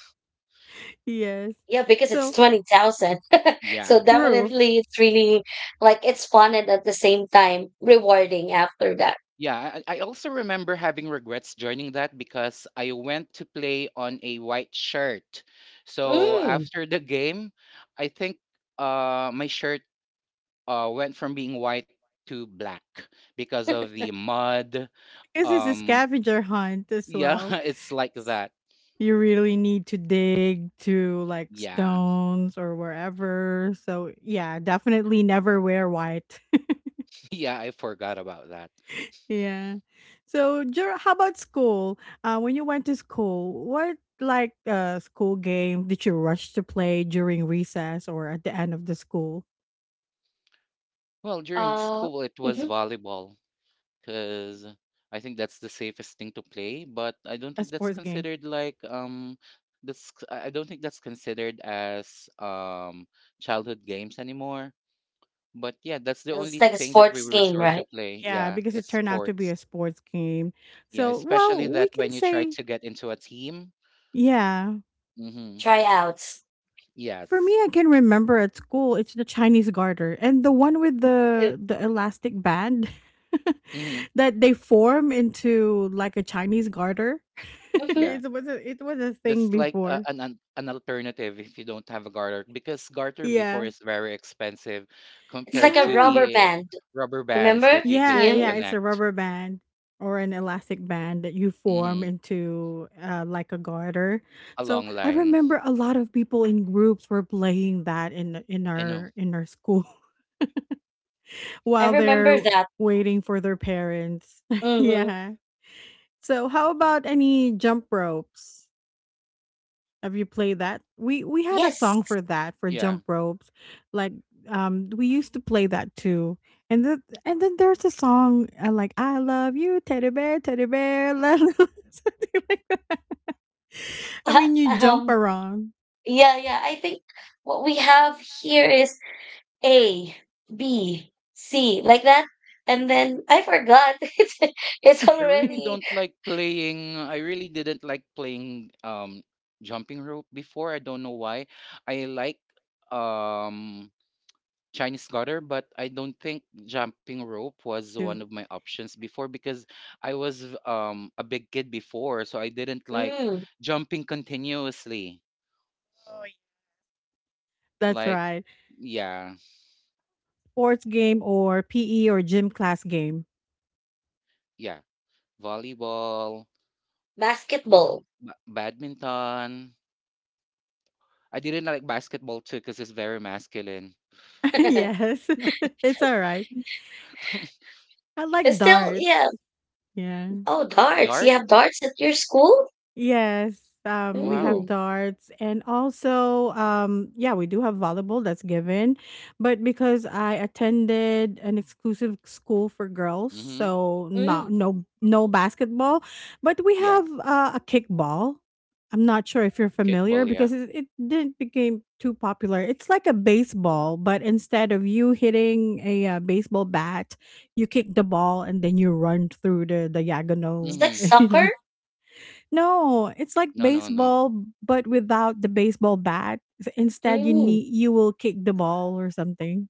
Speaker 1: Yes.
Speaker 3: Yeah, because it's
Speaker 1: So
Speaker 3: 20,000.
Speaker 2: yeah.
Speaker 3: So
Speaker 1: true.
Speaker 3: definitely it's really like it's fun and at the same time rewarding after that.
Speaker 2: Yeah, I also remember having regrets joining that because I went to play on a white shirt. So
Speaker 3: Mm.
Speaker 2: after the game, I think my shirt went from being white to black because of the mud.
Speaker 1: Because it's a
Speaker 2: Um,
Speaker 1: scavenger hunt as
Speaker 2: yeah,
Speaker 1: well.
Speaker 2: it's like
Speaker 1: S-
Speaker 2: that.
Speaker 1: You really need to dig to like
Speaker 2: Yeah,
Speaker 1: stones or wherever. So yeah, definitely never wear white.
Speaker 2: yeah, I forgot about that.
Speaker 1: yeah. So how about school? When you went to school, what like school game did you rush to play during recess or at the end of the school?
Speaker 2: Well, during
Speaker 3: Uh,
Speaker 2: school, it was
Speaker 3: hmm.
Speaker 2: volleyball. 'Cause I think that's the safest thing to play, but I don't
Speaker 1: A
Speaker 2: think that's
Speaker 1: sports game.
Speaker 2: considered like, that's c I don't think that's considered as, childhood games anymore. But yeah, that's the
Speaker 3: It's
Speaker 2: only
Speaker 3: like a
Speaker 2: thing that we
Speaker 3: sports game,
Speaker 2: resort to
Speaker 3: right?
Speaker 2: play.
Speaker 1: Yeah,
Speaker 2: Yeah,
Speaker 1: because
Speaker 2: it's
Speaker 1: it turned out to be
Speaker 2: sports.
Speaker 1: a sports game.
Speaker 2: Yeah,
Speaker 1: So well,
Speaker 2: especially
Speaker 1: we
Speaker 2: that
Speaker 1: can
Speaker 2: when you try
Speaker 1: say
Speaker 2: to get into a team.
Speaker 1: yeah.
Speaker 2: Mhm.
Speaker 3: Tryouts.
Speaker 1: For me,
Speaker 2: Yes.
Speaker 1: I can remember at school, it's the Chinese garter and the one with the elastic band
Speaker 2: Mhm.
Speaker 1: that they form into like a Chinese garter.
Speaker 3: Hmm.
Speaker 2: Yeah.
Speaker 1: It was a thing
Speaker 2: That's like a,
Speaker 1: before.
Speaker 2: an alternative if you don't have a garter because garter before
Speaker 1: Yeah.
Speaker 2: is very expensive
Speaker 3: It's like
Speaker 2: compared
Speaker 3: a
Speaker 2: to
Speaker 1: Yeah.
Speaker 3: rubber
Speaker 2: the
Speaker 3: band.
Speaker 2: rubber bands that
Speaker 3: Remember?
Speaker 2: you get
Speaker 1: Yeah,
Speaker 2: to
Speaker 3: Yeah,
Speaker 1: yeah, it's a
Speaker 2: connect
Speaker 1: rubber band or an elastic band that you form
Speaker 2: hmm
Speaker 1: into like a garter.
Speaker 2: a
Speaker 1: So,
Speaker 2: long
Speaker 1: I
Speaker 2: line.
Speaker 1: remember a lot of people in groups were playing that in in
Speaker 2: I know.
Speaker 1: our in our school,
Speaker 3: I
Speaker 1: while
Speaker 3: remember
Speaker 1: they're
Speaker 3: that.
Speaker 1: waiting for their parents.
Speaker 3: Mm-hmm.
Speaker 1: yeah. So how about any jump ropes? Have you played that? We had a song
Speaker 3: Yes.
Speaker 1: for that for
Speaker 2: Yeah.
Speaker 1: jump ropes. Like we used to play that too. And then there's a song like I love you teddy bear la- la- la, something like. I mean, you jump
Speaker 3: um,
Speaker 1: around.
Speaker 3: yeah, yeah. I think what we have here is A, B, C, like that. And then I forgot. It's
Speaker 2: I really
Speaker 3: already
Speaker 2: don't like playing. I really didn't like playing jumping rope before. I don't know why. I like um Chinese garter, but I don't think jumping rope was one
Speaker 1: too.
Speaker 2: of my options before because I was a big kid before, so I didn't like
Speaker 3: mm,
Speaker 2: jumping continuously.
Speaker 1: That's
Speaker 2: Like
Speaker 1: right.
Speaker 2: yeah,
Speaker 1: Sports game or PE or gym class game.
Speaker 2: yeah, volleyball,
Speaker 3: basketball.
Speaker 2: badminton. I didn't like basketball too because it's very masculine.
Speaker 1: yes. it's all right. I like
Speaker 3: It's still, yeah.
Speaker 1: darts. Yeah.
Speaker 3: Oh, darts. You
Speaker 2: Dart?
Speaker 3: have darts at your school?
Speaker 1: Yes, we have
Speaker 3: Mm,
Speaker 2: Wow.
Speaker 1: darts and also, yeah, we do have volleyball that's given. But because I attended an exclusive school for girls,
Speaker 2: Mhm.
Speaker 1: so
Speaker 3: mm.
Speaker 1: not, no basketball, but we have
Speaker 2: Yeah.
Speaker 1: a kickball. I'm not sure if you're familiar
Speaker 2: Kickball,
Speaker 1: because
Speaker 2: yeah.
Speaker 1: it didn't became too popular. It's like a baseball, but instead of you hitting a baseball bat, you kick the ball and then you run through the
Speaker 3: It's
Speaker 1: diagonal,
Speaker 3: like
Speaker 2: Mhm.
Speaker 1: you know
Speaker 3: soccer.
Speaker 1: no, it's like
Speaker 2: No, no, no.
Speaker 1: baseball, but without the baseball bat. Instead,
Speaker 3: Mm,
Speaker 1: you will kick the ball or something.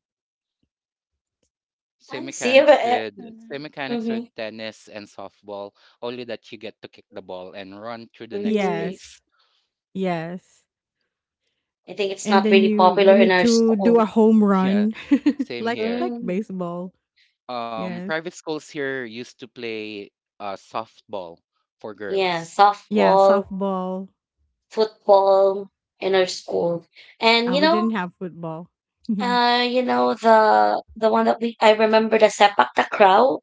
Speaker 3: I
Speaker 2: Same
Speaker 3: see.
Speaker 1: Uh,
Speaker 3: But,
Speaker 2: mechanics with Same mechanics
Speaker 3: mhm,
Speaker 2: with tennis and softball, only that you get to kick the ball and run through the next
Speaker 3: mm.
Speaker 1: Yes,
Speaker 2: base.
Speaker 1: yes,
Speaker 3: I think it's
Speaker 1: and
Speaker 3: not
Speaker 1: then
Speaker 3: really
Speaker 1: you
Speaker 3: popular
Speaker 1: you
Speaker 3: in
Speaker 1: need
Speaker 3: our
Speaker 1: to do
Speaker 3: school.
Speaker 1: a home run,
Speaker 2: Yeah, same
Speaker 1: like
Speaker 2: here.
Speaker 3: Mm,
Speaker 1: baseball. Yes,
Speaker 2: Private schools here used to play softball for
Speaker 3: yeah,
Speaker 2: girls.
Speaker 1: yeah,
Speaker 3: softball,
Speaker 1: softball.
Speaker 3: football in our school, and
Speaker 1: We didn't have football. Yeah.
Speaker 3: you know the one that we I remember, the sepak takraw.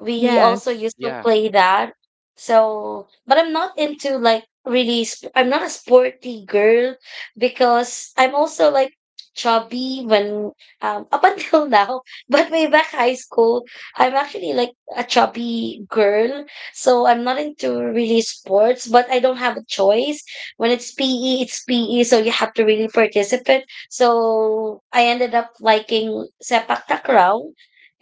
Speaker 3: We also used
Speaker 1: Yes,
Speaker 3: to
Speaker 2: Yeah,
Speaker 3: play that. So, but I'm not into like really, I'm not a sporty girl because I'm also like chubby when, up until now, but way back high school, I'm actually like a chubby girl. So I'm not into really sports, but I don't have a choice. When it's PE, it's PE. So you have to really participate. So I ended up liking sepak takraw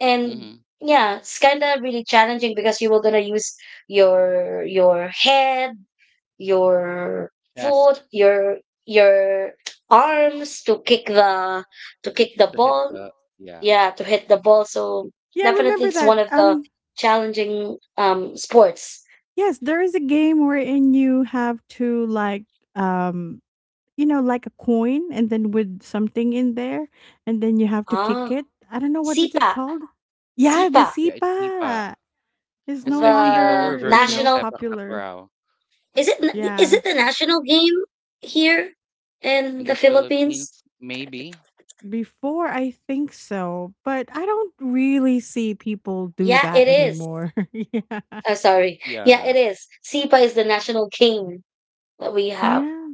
Speaker 3: and
Speaker 2: mm-hmm.
Speaker 3: yeah it's kind of really challenging because you were gonna use your head, your foot,
Speaker 2: Just
Speaker 3: your arms to kick the
Speaker 2: to hit
Speaker 3: ball,
Speaker 2: the yeah
Speaker 3: yeah, to hit the ball, so
Speaker 1: yeah, I
Speaker 3: definitely
Speaker 1: remember
Speaker 3: it's
Speaker 1: that.
Speaker 3: one of the challenging sports.
Speaker 1: Yes, there is a game wherein you have to um like a coin and then with something in there and then you have to
Speaker 3: Ah,
Speaker 1: kick it. I don't know what is
Speaker 3: sipa
Speaker 1: it called? Yeah, the
Speaker 3: sipa
Speaker 2: yeah it's ipa.
Speaker 1: sipa is no
Speaker 2: It's like the
Speaker 3: the
Speaker 1: longer
Speaker 2: lower version of
Speaker 3: national
Speaker 2: sepak
Speaker 1: popular.
Speaker 2: takraw
Speaker 3: is it na- is
Speaker 1: Yeah.
Speaker 3: it the national game here in
Speaker 2: in
Speaker 3: the
Speaker 2: the
Speaker 3: Philippines?
Speaker 2: Philippines, maybe.
Speaker 1: Before I think so, but I don't really see people do
Speaker 3: Yeah,
Speaker 1: that
Speaker 3: it is.
Speaker 1: anymore. yeah.
Speaker 3: Sorry. Yeah, it
Speaker 2: Yeah,
Speaker 3: is. Sipa is the national game that we have.
Speaker 1: Yeah.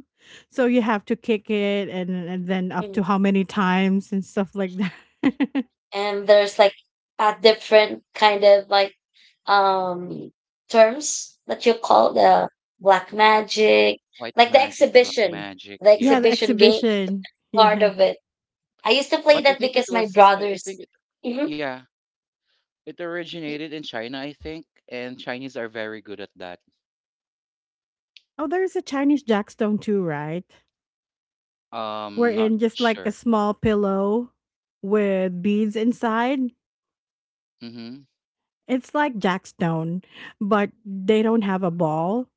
Speaker 1: So you have to kick it and then up
Speaker 3: Mm.
Speaker 1: to how many times and stuff like that.
Speaker 3: And there's like a different kind of like um terms that you call the black magic,
Speaker 2: white
Speaker 3: like
Speaker 2: magic, black magic.
Speaker 3: the
Speaker 1: yeah, the
Speaker 2: Yeah,
Speaker 3: exhibition game
Speaker 1: exhibition.
Speaker 3: part
Speaker 1: Yeah.
Speaker 3: of it. I used to play
Speaker 2: but
Speaker 3: that
Speaker 2: I think
Speaker 3: because
Speaker 2: it
Speaker 3: my
Speaker 2: was I
Speaker 3: brothers.
Speaker 2: think it
Speaker 3: hmm
Speaker 2: Yeah. It originated in China, I think, and Chinese are very good at that.
Speaker 1: Oh, there's a Chinese jackstone too, right? We're
Speaker 2: Not
Speaker 1: in just like a
Speaker 2: sure.
Speaker 1: small pillow with beads inside.
Speaker 2: Mm-hmm.
Speaker 1: It's like jackstone, but they don't have a ball.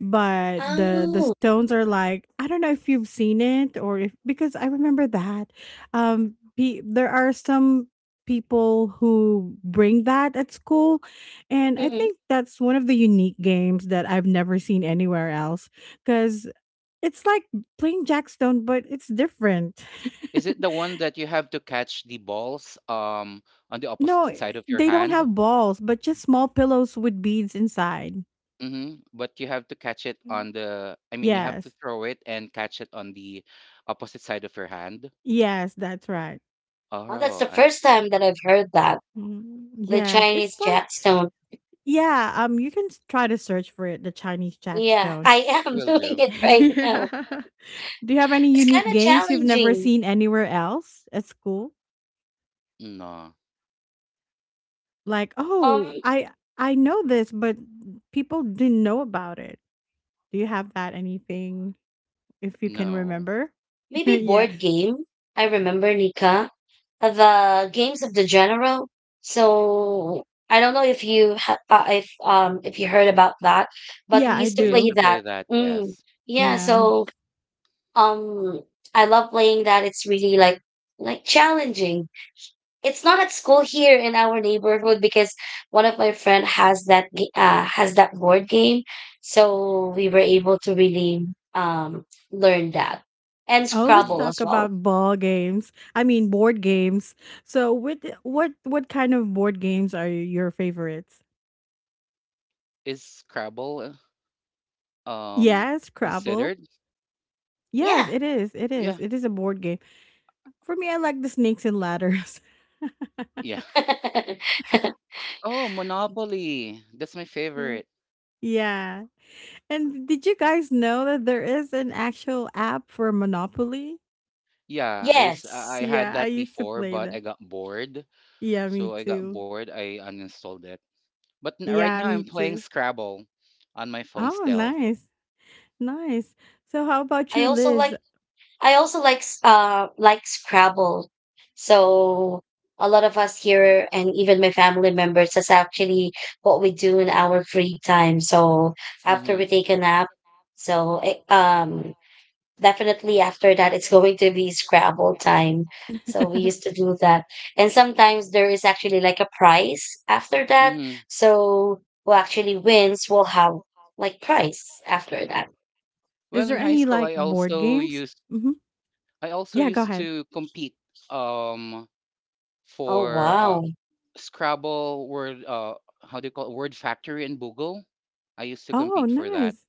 Speaker 1: But the
Speaker 3: Oh,
Speaker 1: stones are like I don't know if you've seen it or if because I remember that. There are some people who bring that at school, and I
Speaker 3: hmm
Speaker 1: think that's one of the unique games that I've never seen anywhere else because it's like playing jackstone, but it's different.
Speaker 2: Is it the one that you have to catch the balls on the
Speaker 1: No,
Speaker 2: opposite side of your
Speaker 1: they don't
Speaker 2: hand?
Speaker 1: have balls, but just small pillows with beads inside.
Speaker 2: Mm-hmm. But you have to catch it
Speaker 1: Mm.
Speaker 2: on the, I mean, you have to
Speaker 1: Yes.
Speaker 2: throw it and catch it on the opposite side of your hand.
Speaker 1: Yes, that's right.
Speaker 3: well, that's
Speaker 2: Oh,
Speaker 3: the
Speaker 2: I
Speaker 3: first
Speaker 2: see.
Speaker 3: time that I've heard that.
Speaker 1: Mhm.
Speaker 3: The
Speaker 1: Yes, it's
Speaker 3: Chinese
Speaker 1: like
Speaker 3: jackstone.
Speaker 1: yeah, you can try to search for it, the Chinese
Speaker 3: Yeah,
Speaker 1: jackstone.
Speaker 3: I am
Speaker 2: Will
Speaker 3: doing
Speaker 2: do.
Speaker 3: it right now.
Speaker 1: yeah. Do you have any
Speaker 3: It's kind
Speaker 1: unique
Speaker 3: of
Speaker 1: games you've never
Speaker 3: challenging.
Speaker 1: seen anywhere else at school?
Speaker 2: No,
Speaker 1: Like, "Oh,
Speaker 3: Um,
Speaker 1: I know this, but people didn't know about it." Do you have that anything if you can
Speaker 2: no.
Speaker 1: remember?
Speaker 3: maybe
Speaker 1: yeah.
Speaker 3: board game. I remember Nika, the games of the general. So I don't know if if if you heard about that, but we
Speaker 1: Yeah, I
Speaker 3: used
Speaker 2: I
Speaker 3: to
Speaker 2: used
Speaker 3: play
Speaker 1: do.
Speaker 2: to
Speaker 3: that.
Speaker 2: play that,
Speaker 3: Mm,
Speaker 2: yes.
Speaker 3: yeah.
Speaker 1: Yeah.
Speaker 3: So um, I love playing that. It's really like challenging. It's not at school here in our neighborhood because one of my friend has has that board game, so we were able to really um learn that, and
Speaker 1: Oh, let's
Speaker 2: Mm.
Speaker 3: scrabble as
Speaker 1: talk
Speaker 3: well.
Speaker 1: about ball games. I mean, board games. So, with what kind of board games are your favorites?
Speaker 2: Is Scrabble uh, um
Speaker 1: Yes, Scrabble.
Speaker 2: considered?
Speaker 1: Yes,
Speaker 3: Yeah.
Speaker 1: it is. It is.
Speaker 2: Yeah,
Speaker 1: It is a board game. For me, I like the snakes and ladders.
Speaker 2: yeah. Oh, Monopoly. That's my
Speaker 1: Mm.
Speaker 2: favorite.
Speaker 1: yeah. And did you guys know that there is an actual app for Monopoly?
Speaker 2: Yeah, I used
Speaker 3: Yes,
Speaker 2: I had
Speaker 1: Yeah, I
Speaker 2: that
Speaker 1: used to
Speaker 2: before,
Speaker 1: play
Speaker 2: but I
Speaker 1: that.
Speaker 2: got bored.
Speaker 1: Yeah, me
Speaker 2: So I got
Speaker 1: too.
Speaker 2: bored. I uninstalled it. But right now
Speaker 1: Yeah,
Speaker 2: I'm
Speaker 1: me
Speaker 2: playing
Speaker 1: too.
Speaker 2: Scrabble on my phone
Speaker 1: Oh,
Speaker 2: still.
Speaker 1: nice. Nice. So, how about
Speaker 3: i
Speaker 1: you,
Speaker 3: also
Speaker 1: Liz?
Speaker 3: like I also like s- like scrabble. So a lot of us here and even my family members, that's actually what we do in our free time. So after
Speaker 2: Mm-hmm.
Speaker 3: we take a nap, so definitely after that, it's going to be Scrabble time. So we used to do that. And sometimes there is actually like a prize after that.
Speaker 2: Mm-hmm.
Speaker 3: So who actually wins will have like prize after that.
Speaker 2: Well,
Speaker 1: there
Speaker 2: in high
Speaker 1: any
Speaker 2: school,
Speaker 1: like board. So, games? Hmm.
Speaker 2: I also
Speaker 1: Yeah, go
Speaker 2: used
Speaker 1: ahead.
Speaker 2: to compete um
Speaker 3: Oh,
Speaker 2: for
Speaker 3: wow.
Speaker 2: Scrabble word how do you call it? Word Factory and Google. I used to
Speaker 1: Oh,
Speaker 2: compete for that.
Speaker 1: nice.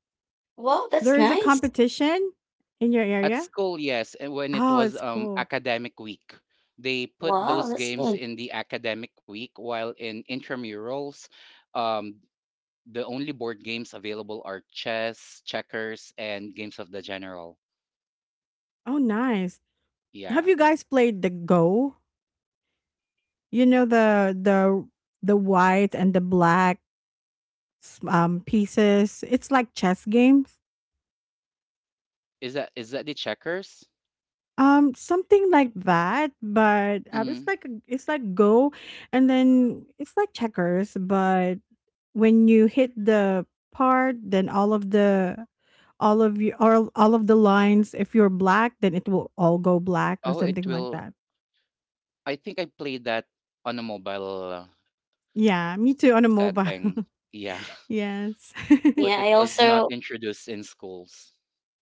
Speaker 3: Wow,
Speaker 1: There
Speaker 3: that's
Speaker 1: is a
Speaker 3: nice.
Speaker 1: competition in your
Speaker 2: At
Speaker 1: area.
Speaker 2: school, yes, and when it
Speaker 1: Oh,
Speaker 2: was
Speaker 1: it's cool.
Speaker 2: academic week, they put
Speaker 3: Wow,
Speaker 2: those
Speaker 3: that's good.
Speaker 2: games in the academic week, while in intramurals, um, the only board games available are chess, checkers, and games of the general.
Speaker 1: Oh, nice. Have
Speaker 2: Yeah,
Speaker 1: you guys played the Go? You know the white and the black pieces. It's like chess games.
Speaker 2: is that the checkers?
Speaker 1: Something like that, but it's
Speaker 2: Mm.
Speaker 1: like Go, and then it's like checkers, but when you hit the part then all of the lines if you're black then it will all go black or
Speaker 2: Oh, it
Speaker 1: something like
Speaker 2: will.
Speaker 1: that.
Speaker 2: I think I played that on a mobile
Speaker 1: Yeah,
Speaker 2: s-
Speaker 1: me too on a mobile.
Speaker 2: setting. Yeah,
Speaker 1: Yes.
Speaker 2: but
Speaker 3: Yeah,
Speaker 2: it
Speaker 3: I
Speaker 2: was not
Speaker 3: also,
Speaker 2: introduced in schools.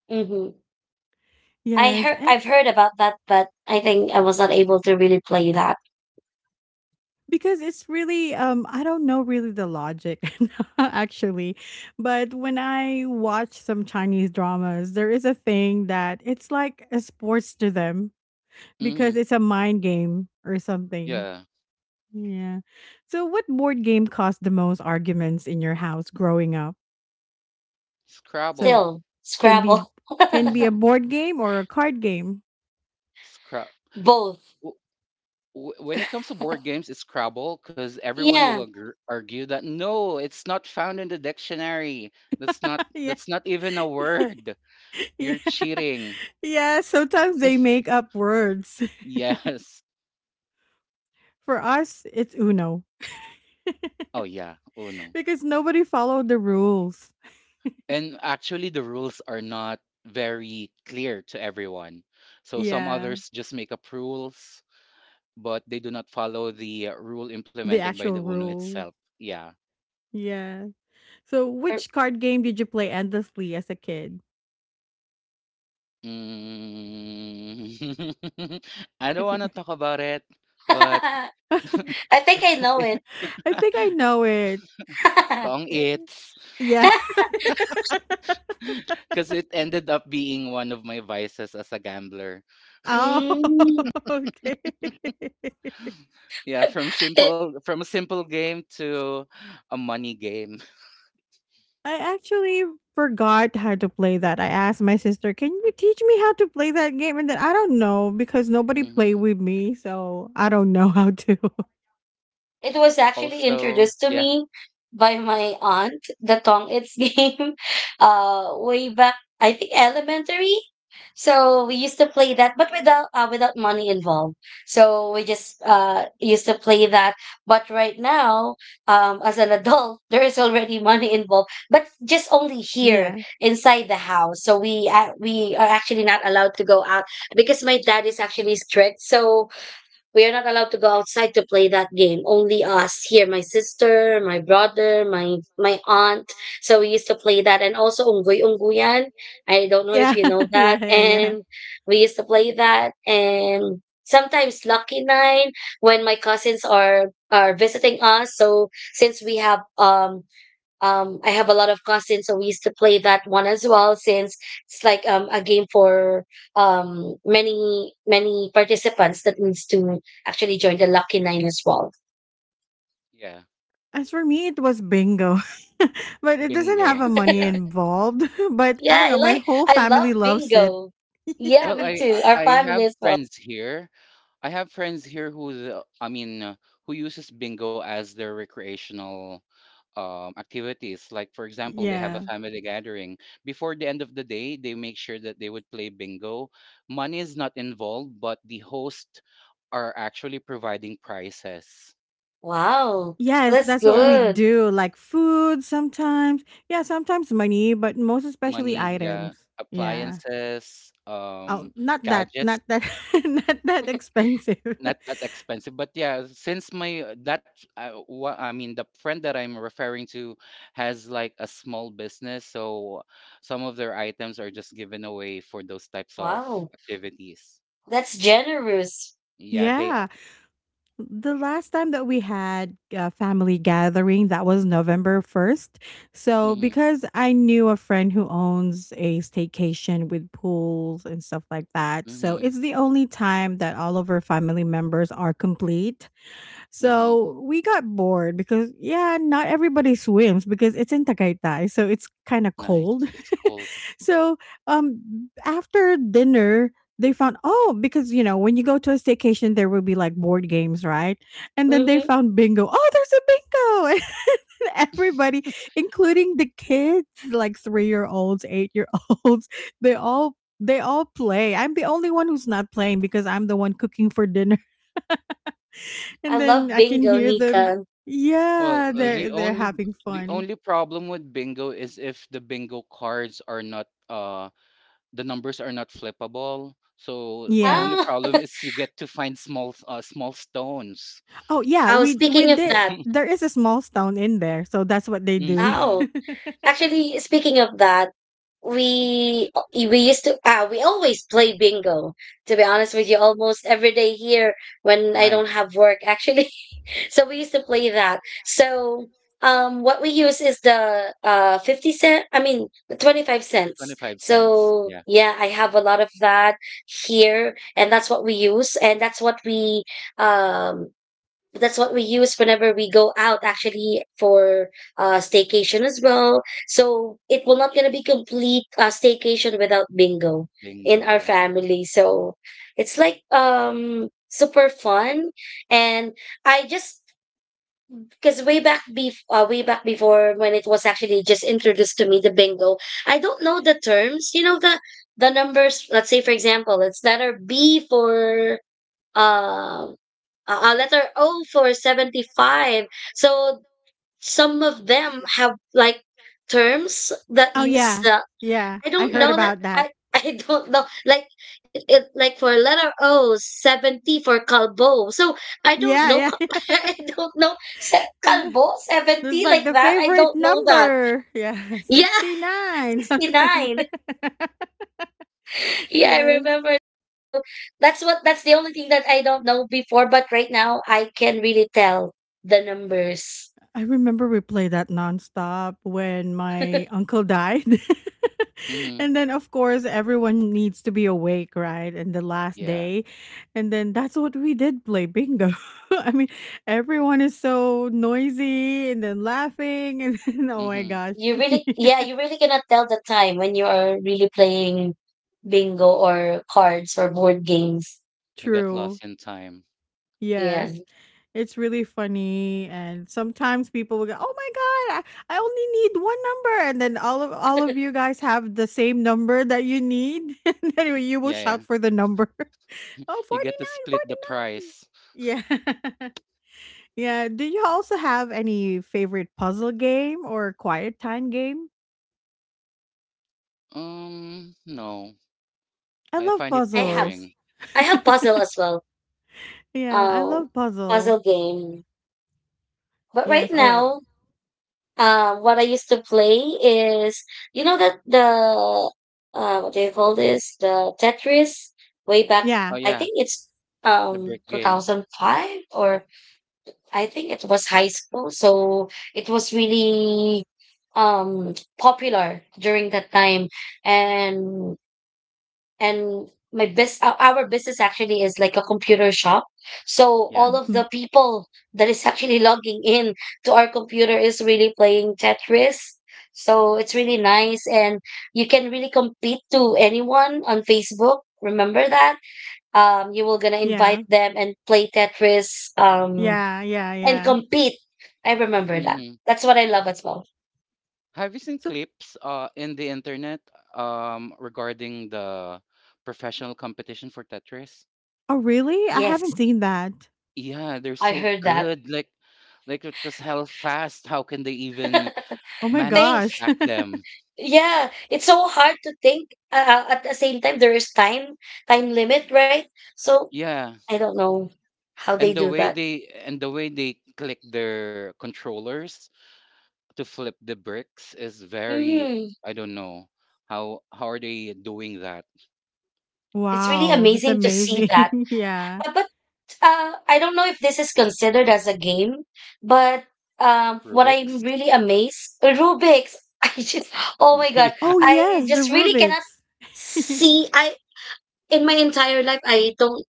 Speaker 3: hmm I
Speaker 1: Yes,
Speaker 3: heard,
Speaker 1: and
Speaker 3: I've heard about that, but I think I was not able to really play that.
Speaker 1: because it's really I don't know really the logic. Actually, but when I watch some Chinese dramas there is a thing that it's like a sports to them because
Speaker 2: Hmm.
Speaker 1: it's a mind game or something.
Speaker 2: Yeah,
Speaker 1: Yeah. So what board game caused the most arguments in your house growing up? So
Speaker 2: Scrabble.
Speaker 3: Still,
Speaker 1: can be
Speaker 3: Scrabble.
Speaker 1: can be a board game or a card game.
Speaker 2: Scrabble.
Speaker 3: Both.
Speaker 2: W- when it comes to board games, it's Scrabble because everyone will
Speaker 3: Yeah.
Speaker 2: agr argue that no, it's not found in the dictionary. That's not
Speaker 1: yeah.
Speaker 2: that's not even a word.
Speaker 1: yeah.
Speaker 2: You're cheating.
Speaker 1: Yeah, sometimes they make up words.
Speaker 2: Yes.
Speaker 1: For us, it's Uno
Speaker 2: Oh yeah. Oh no.
Speaker 1: because nobody followed the rules.
Speaker 2: And actually, the rules are not very clear to everyone. So some
Speaker 1: Yeah,
Speaker 2: others just make up rules, but they do not follow the rule
Speaker 1: the
Speaker 2: implemented by the
Speaker 1: actual
Speaker 2: Uno
Speaker 1: rule.
Speaker 2: itself. Yeah.
Speaker 1: Yeah. So
Speaker 3: Or-
Speaker 1: which card game did you play endlessly as a kid?
Speaker 2: Mm. I don't want to talk about it, but
Speaker 3: I
Speaker 1: I
Speaker 3: think I know
Speaker 1: think I know it.
Speaker 3: it.
Speaker 2: Tong
Speaker 1: Eh.
Speaker 2: its.
Speaker 1: Yeah.
Speaker 2: Because it ended up being one of my vices as a gambler.
Speaker 1: Oh,
Speaker 3: Mm.
Speaker 1: okay.
Speaker 2: Yeah,
Speaker 3: It,
Speaker 2: from a simple game to a money game.
Speaker 1: I actually forgot how to play that. I asked my sister, "Can you teach me how to play that game?" And then I don't know because nobody played
Speaker 2: Hmm.
Speaker 1: with me, so I don't know how to.
Speaker 3: it was actually
Speaker 2: Also,
Speaker 3: introduced to
Speaker 2: yeah,
Speaker 3: me by my aunt, the tong its game, way back, I think elementary. So we used to play that, but without money involved. So we just used to play that. But right now, as an adult, there is already money involved, but just only here
Speaker 1: Yeah.
Speaker 3: inside the house. So we are actually not allowed to go out because my dad is actually strict. So we are not allowed to go outside to play that game. Only us here, my sister, my brother, my aunt. So we used to play that, and also unggoy ungguyan. I don't know
Speaker 1: Yeah.
Speaker 3: if you know
Speaker 1: Yeah,
Speaker 3: that,
Speaker 1: yeah, yeah.
Speaker 3: and we used to play that, and sometimes lucky nine when my cousins are visiting us. So since we have I have a lot of cousins, so we used to play that one as well, since it's like a game for many many participants that needs to actually join the lucky nine as well.
Speaker 2: yeah,
Speaker 1: As for me, it was bingo. but it doesn't have
Speaker 2: bingo.
Speaker 1: a money
Speaker 2: Yeah.
Speaker 1: involved. But I
Speaker 3: Yeah,
Speaker 1: don't
Speaker 3: I
Speaker 1: know, my
Speaker 3: like,
Speaker 1: whole
Speaker 3: I love
Speaker 1: family loves it.
Speaker 3: bingo. Yeah,
Speaker 2: Well,
Speaker 3: me
Speaker 2: I,
Speaker 3: too.
Speaker 2: I
Speaker 3: Our
Speaker 2: I have
Speaker 3: family as well.
Speaker 2: friends here. I have friends here who I mean who uses bingo as their recreational activities. Like, for example, they have a
Speaker 1: Yeah.
Speaker 2: family gathering. Before the end of the day, they make sure that they would play bingo. Money is not involved, but the hosts are actually providing prizes.
Speaker 3: Wow,
Speaker 1: Yes,
Speaker 3: that's
Speaker 1: that's what we
Speaker 2: Yeah,
Speaker 3: good.
Speaker 1: do. Like food sometimes. Yeah, sometimes money, but most especially
Speaker 2: money, yeah,
Speaker 1: items. Yeah.
Speaker 2: appliances,
Speaker 1: Oh, not that,
Speaker 2: gadgets.
Speaker 1: not that, not that expensive.
Speaker 2: Not that expensive, but yeah, since I mean the friend that I'm referring to has like a small business, so some of their items are just given away for those types of
Speaker 3: Wow,
Speaker 2: activities.
Speaker 3: that's generous.
Speaker 2: Yeah, they are.
Speaker 1: yeah. The last time that we had a family gathering, that was November 1st. So,
Speaker 2: Mhm.
Speaker 1: because I knew a friend who owns a staycation with pools and stuff like that. So,
Speaker 2: Mhm.
Speaker 1: it's the only time that all of our family members are complete.
Speaker 2: Mhm.
Speaker 1: So we got bored because yeah, not everybody swims because it's in Tagaytay, so it's kind of cold.
Speaker 2: Nice. It's cold.
Speaker 1: So um after dinner, they found oh because when you go to a staycation there will be like board games, right? And then they
Speaker 3: Mm-hmm.
Speaker 1: found bingo. Oh, there's a bingo. And everybody, including the kids, like 3-year-olds, 8-year-olds, they all they all play. I'm the only one who's not playing because I'm the one cooking for dinner.
Speaker 3: I
Speaker 1: And then
Speaker 3: love
Speaker 1: I can
Speaker 3: bingo,
Speaker 1: hear them.
Speaker 3: Nika.
Speaker 2: Well,
Speaker 1: Yeah, they're having
Speaker 2: the
Speaker 1: fun.
Speaker 2: only problem with bingo is if the bingo cards are not the numbers are not flippable. So the
Speaker 1: Yeah.
Speaker 2: only
Speaker 3: Ah,
Speaker 2: problem is you get to find small small stones.
Speaker 1: Oh yeah,
Speaker 3: oh,
Speaker 1: we
Speaker 3: speaking of
Speaker 1: did.
Speaker 3: that,
Speaker 1: There is a small stone in there, so that's what they do.
Speaker 2: Mhm.
Speaker 3: wow. Actually, speaking of that, we used to ah, we always play bingo, to be honest with you, almost every day here when I don't
Speaker 2: Nice.
Speaker 3: have work actually. So we used to play that. So what we use is the 50 cents, I mean the 25 cents.
Speaker 2: 25 cents.
Speaker 3: So
Speaker 2: Yeah.
Speaker 3: yeah, I have a lot of that here, and that's what we use, and um that's what we use whenever we go out actually for staycation as well. So it will not gonna be complete staycation without bingo in our
Speaker 2: Bingo.
Speaker 3: family. So it's like super fun. And I just, because way back before, when it was actually just introduced to me, the bingo, I don't know the terms, you know, the numbers. Let's say for example it's letter B for um a letter O for 75. So some of them have like terms that
Speaker 1: oh
Speaker 3: use
Speaker 1: yeah,
Speaker 3: the
Speaker 1: yeah.
Speaker 3: I
Speaker 1: I
Speaker 3: don't
Speaker 1: heard
Speaker 3: know
Speaker 2: Yeah.
Speaker 3: that.
Speaker 1: about that.
Speaker 3: I I don't know like it, like for letter O, 70 for calbo. So I don't
Speaker 1: Yeah,
Speaker 3: know.
Speaker 1: yeah. yeah.
Speaker 3: I don't know,
Speaker 1: And
Speaker 3: calbo
Speaker 1: there's
Speaker 3: 70
Speaker 1: like
Speaker 3: like
Speaker 1: the
Speaker 3: that. I
Speaker 1: favorite
Speaker 3: don't know that.
Speaker 1: number. Yeah,
Speaker 3: Yeah,
Speaker 1: sixty nine, something like
Speaker 3: 69.
Speaker 1: that.
Speaker 3: Yeah, I
Speaker 1: Yes.
Speaker 3: remember. So that's the only thing that I don't know before, but right now I can really tell the numbers.
Speaker 1: I remember we played that nonstop when my uncle died.
Speaker 2: Mm-hmm.
Speaker 1: And then of course everyone needs to be awake, right? And the last
Speaker 2: Yeah.
Speaker 1: day. And then that's what we did, play bingo. I mean, everyone is so noisy and then laughing and then, oh my
Speaker 2: Mm-hmm.
Speaker 1: gosh.
Speaker 3: You really, yeah, you really cannot tell the time when you are really playing bingo or cards or board games.
Speaker 2: You got
Speaker 1: True.
Speaker 2: lost in time.
Speaker 3: Yeah.
Speaker 1: Yes. It's really funny, and sometimes people will go, "Oh my god, I only need one number." And then all of you guys have the same number that you need. And anyway, you will
Speaker 2: Yeah,
Speaker 1: shout
Speaker 2: yeah.
Speaker 1: for the number. Oh,
Speaker 2: You
Speaker 1: forty
Speaker 2: get to
Speaker 1: nine,
Speaker 2: split the price.
Speaker 1: 49. Yeah. Yeah, do you also have any favorite puzzle game or quiet time game?
Speaker 2: No.
Speaker 1: I
Speaker 2: I
Speaker 1: love
Speaker 2: find it
Speaker 3: I have
Speaker 1: puzzles.
Speaker 2: boring.
Speaker 3: I have puzzle as well.
Speaker 1: Yeah, I
Speaker 3: Um
Speaker 1: love puzzle.
Speaker 3: puzzle game. But right
Speaker 1: Yes, or
Speaker 3: now, um, what I used to play is, you know that the what do you call this? The Tetris way back.
Speaker 2: Oh,
Speaker 1: yeah.
Speaker 3: I
Speaker 2: yeah.
Speaker 3: think it's
Speaker 2: The brick game.
Speaker 3: 2005, or I think it was high school. So it was really popular during that time. And my bus our business actually is like a computer shop. So
Speaker 2: Yeah.
Speaker 3: all of
Speaker 1: Mhm.
Speaker 3: the people that is actually logging in to our computer is really playing tetris. So it's really nice. And you can really compete to anyone on Facebook. Remember that? You were gonna invite
Speaker 1: Yeah.
Speaker 3: them and play tetris,
Speaker 1: Yeah, yeah,
Speaker 3: and
Speaker 1: yeah.
Speaker 3: compete. I remember that.
Speaker 2: Mm-hmm.
Speaker 3: That's what I love as well.
Speaker 2: Have you seen
Speaker 1: So,
Speaker 2: clips in the internet regarding the professional competition for Tetris?
Speaker 1: oh, really? I
Speaker 3: Yes,
Speaker 1: haven't seen that.
Speaker 2: Yeah, they're
Speaker 3: I
Speaker 2: so
Speaker 3: heard that.
Speaker 2: good. Like, it was hell fast. How can they even
Speaker 1: Oh my
Speaker 2: manage to
Speaker 3: Thank.
Speaker 1: gosh.
Speaker 2: stack them?
Speaker 3: Yeah, it's so hard to think. At the same time, there is time limit, right? So
Speaker 2: Yeah,
Speaker 3: I don't know how they do that.
Speaker 2: and the way they click their controllers to flip the bricks is very.
Speaker 3: Mm,
Speaker 2: I don't know how are they doing that?
Speaker 3: it's really
Speaker 1: Wow, that's
Speaker 3: amazing to see that.
Speaker 1: amazing. Yeah.
Speaker 3: But I don't know if this is considered as a game. But what I'm
Speaker 2: Rubik's.
Speaker 3: really amazed, Rubik's. I just, oh my God,
Speaker 1: Oh,
Speaker 2: Yeah,
Speaker 3: I
Speaker 1: yes, the
Speaker 3: just really cannot
Speaker 1: Rubik's.
Speaker 3: see. I, in my entire life, I don't,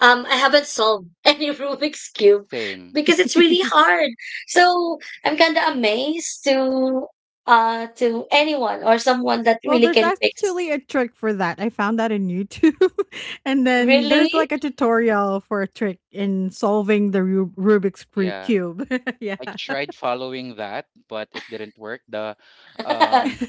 Speaker 3: um, I haven't solved any Rubik's Cube
Speaker 2: same.
Speaker 3: because it's really hard. So I'm kind of amazed to anyone or someone that
Speaker 1: Well,
Speaker 3: really
Speaker 1: there's
Speaker 3: can fix.
Speaker 1: actually a trick for that. I found that in YouTube. And then
Speaker 3: Really?
Speaker 1: there's like a tutorial for a trick in solving the Rubik's
Speaker 2: Yeah.
Speaker 1: cube. Yeah.
Speaker 2: I tried following that, but it didn't work. The um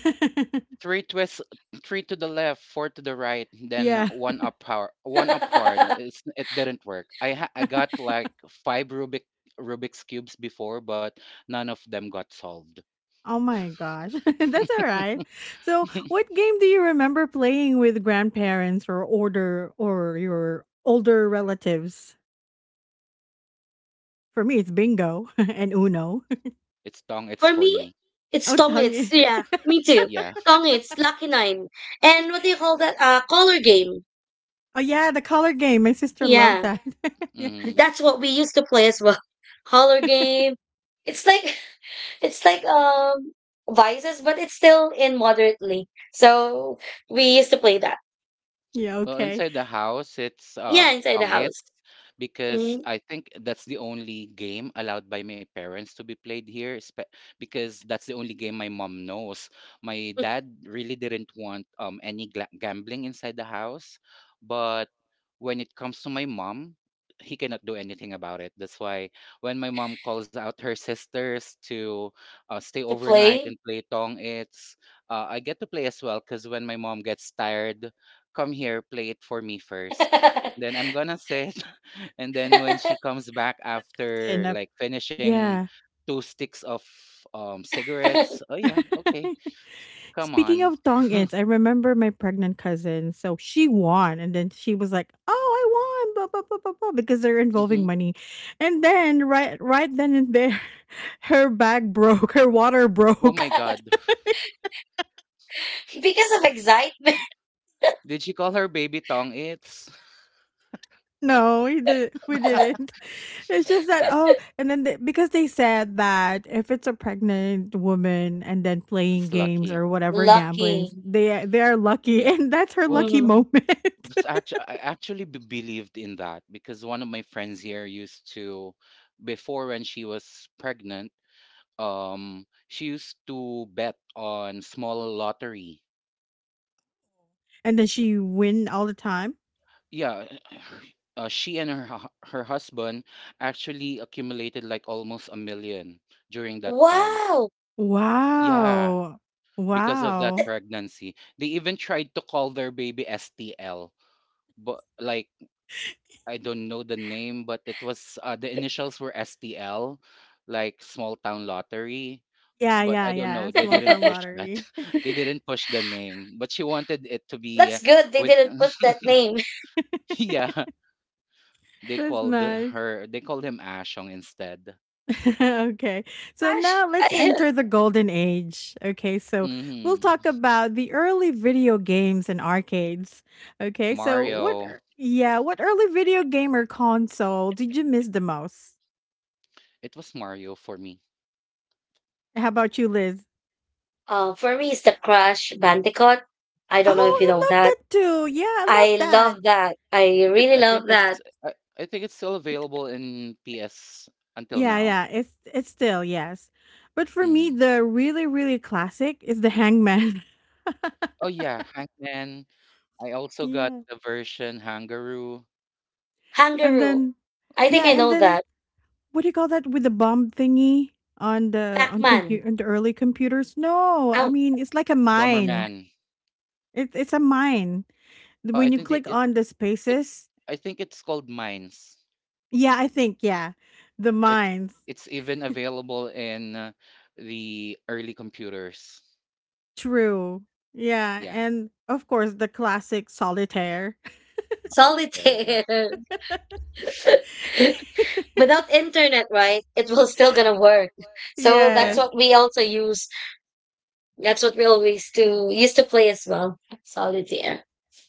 Speaker 2: three twists, three to the left, four to the right, then one up power, one upward. It's, it didn't work. I
Speaker 1: Yeah.
Speaker 2: got like five Rubik's cubes before, but none of them got solved.
Speaker 1: Oh my gosh. That's all right. So, what game do you remember playing with grandparents or older or your older relatives? For me, it's bingo and Uno.
Speaker 2: It's tongue. It's
Speaker 3: For
Speaker 2: for me.
Speaker 3: me, it's
Speaker 1: Oh,
Speaker 3: tongits.
Speaker 1: tongue.
Speaker 3: Yeah, me too.
Speaker 2: Yeah.
Speaker 3: Tongits, Lucky Nine, and what do you call that? Color game.
Speaker 1: Oh yeah, the color game. My sister loved
Speaker 3: Yeah,
Speaker 1: that. Yeah.
Speaker 2: Mhm.
Speaker 3: that's what we used to play as well. Color game. It's like It's like vices, but it's still in moderately. So we used to play that.
Speaker 1: Yeah,
Speaker 2: Well,
Speaker 1: okay.
Speaker 2: inside the house, it's
Speaker 3: Yeah, inside the house.
Speaker 2: tongits because
Speaker 3: Mhm.
Speaker 2: I think that's the only game allowed by my parents to be played here, because that's the only game my mom knows. My dad really didn't want any gambling inside the house, but when it comes to my mom, he cannot do anything about it. That's why when my mom calls out her sisters to stay
Speaker 3: To
Speaker 2: overnight
Speaker 3: play
Speaker 2: and play tongits, I get to play as well because when my mom gets tired come here, play it for me first. Then I'm gonna sit. And then when she comes back
Speaker 1: That goes
Speaker 2: after like finishing
Speaker 1: yeah.
Speaker 2: two sticks of cigarettes, oh yeah, okay, come
Speaker 1: Speaking
Speaker 2: on.
Speaker 1: of thong ends, I remember my pregnant cousin. So she won, and then she was like, "Oh, I won!" Blah blah blah blah blah, because they're
Speaker 2: Hmm.
Speaker 1: involving money. And then right then and there, her bag broke. Her water
Speaker 2: Oh my
Speaker 1: broke.
Speaker 2: god.
Speaker 3: because of excitement.
Speaker 2: Did she call her baby tongue? It's
Speaker 1: No, we did. We didn't. It's just that. Oh, and then they, because they said that if it's a pregnant woman and then playing
Speaker 2: it's
Speaker 1: games
Speaker 2: lucky.
Speaker 1: or whatever gambling,
Speaker 3: Lucky.
Speaker 1: they are lucky,
Speaker 2: Yeah.
Speaker 1: and that's her
Speaker 2: Well,
Speaker 1: lucky
Speaker 3: Hmm.
Speaker 1: moment.
Speaker 2: it's actually believed in that because one of my friends here used to before when she was pregnant. She used to bet on small lottery.
Speaker 1: And then she win all the time?
Speaker 2: Yeah, she and her hu- her husband actually accumulated like almost 1,000,000 during that time.
Speaker 3: Wow,
Speaker 2: Yeah,
Speaker 1: Wow.
Speaker 2: because of that
Speaker 1: Wow.
Speaker 2: pregnancy, they even tried to call their baby STL, but like I don't know the name, but it was the initials were STL, like small town lottery.
Speaker 1: Yeah,
Speaker 2: But
Speaker 1: yeah,
Speaker 2: I don't
Speaker 1: yeah,
Speaker 2: know. They
Speaker 1: small
Speaker 2: didn't
Speaker 1: town
Speaker 2: push that.
Speaker 1: lottery.
Speaker 2: They didn't push the name, but she wanted it to be
Speaker 3: that's good. They
Speaker 2: with.
Speaker 3: didn't push that name.
Speaker 2: Yeah, they
Speaker 1: That's
Speaker 2: called
Speaker 1: nice.
Speaker 2: her. They called him Ashong instead.
Speaker 1: Okay. So
Speaker 3: Crash.
Speaker 1: now let's
Speaker 3: I-
Speaker 1: enter the golden age. Okay. So we'll
Speaker 2: Hmm.
Speaker 1: talk about the early video games and arcades. Okay. So
Speaker 2: Mario.
Speaker 1: yeah, what early video game or console did you miss the most?
Speaker 2: It was Mario for me.
Speaker 1: How about you, Liz?
Speaker 3: uh, for me, it's the Crash Bandicoot. I
Speaker 1: Oh,
Speaker 2: Oh
Speaker 3: don't know if
Speaker 2: yeah,
Speaker 3: you
Speaker 1: I
Speaker 3: know
Speaker 1: love
Speaker 3: that.
Speaker 1: that too. Yeah, I love
Speaker 3: I
Speaker 1: that.
Speaker 3: love that. I really
Speaker 2: I think
Speaker 3: love that.
Speaker 2: it's. I, I think it's still available in PS until
Speaker 1: Yeah,
Speaker 2: now.
Speaker 1: yeah, it's still, yes. But for me,
Speaker 2: Mm.
Speaker 1: the really, really classic is the hangman.
Speaker 2: Oh yeah, Hangman. I also got
Speaker 1: Yeah.
Speaker 2: the version Hangaroo.
Speaker 1: And
Speaker 3: Kangaroo.
Speaker 1: then
Speaker 3: I think
Speaker 1: yeah,
Speaker 3: I
Speaker 1: and
Speaker 3: know
Speaker 1: then
Speaker 3: that.
Speaker 1: what do you call that with the bomb thingy on the
Speaker 3: Pac
Speaker 1: on
Speaker 3: Man.
Speaker 1: computer on the early computers? No, I mean it's like a mine.
Speaker 2: Bomberman.
Speaker 1: It's a mine.
Speaker 2: Oh, I
Speaker 1: When you
Speaker 2: think they,
Speaker 1: click
Speaker 2: it
Speaker 1: on the
Speaker 2: it.
Speaker 1: spaces,
Speaker 2: I think it's called Mines.
Speaker 1: yeah, I think, yeah, the
Speaker 2: It's
Speaker 1: mines.
Speaker 2: it's even available in the early computers.
Speaker 1: True. Yeah,
Speaker 2: Yeah,
Speaker 1: and of course the classic solitaire.
Speaker 2: area.
Speaker 3: Solitaire. Without internet, right? It will still gonna work. So that's
Speaker 2: Yeah,
Speaker 1: Yes.
Speaker 3: what we also use. That's what we always do. Used to play as well. Solitaire.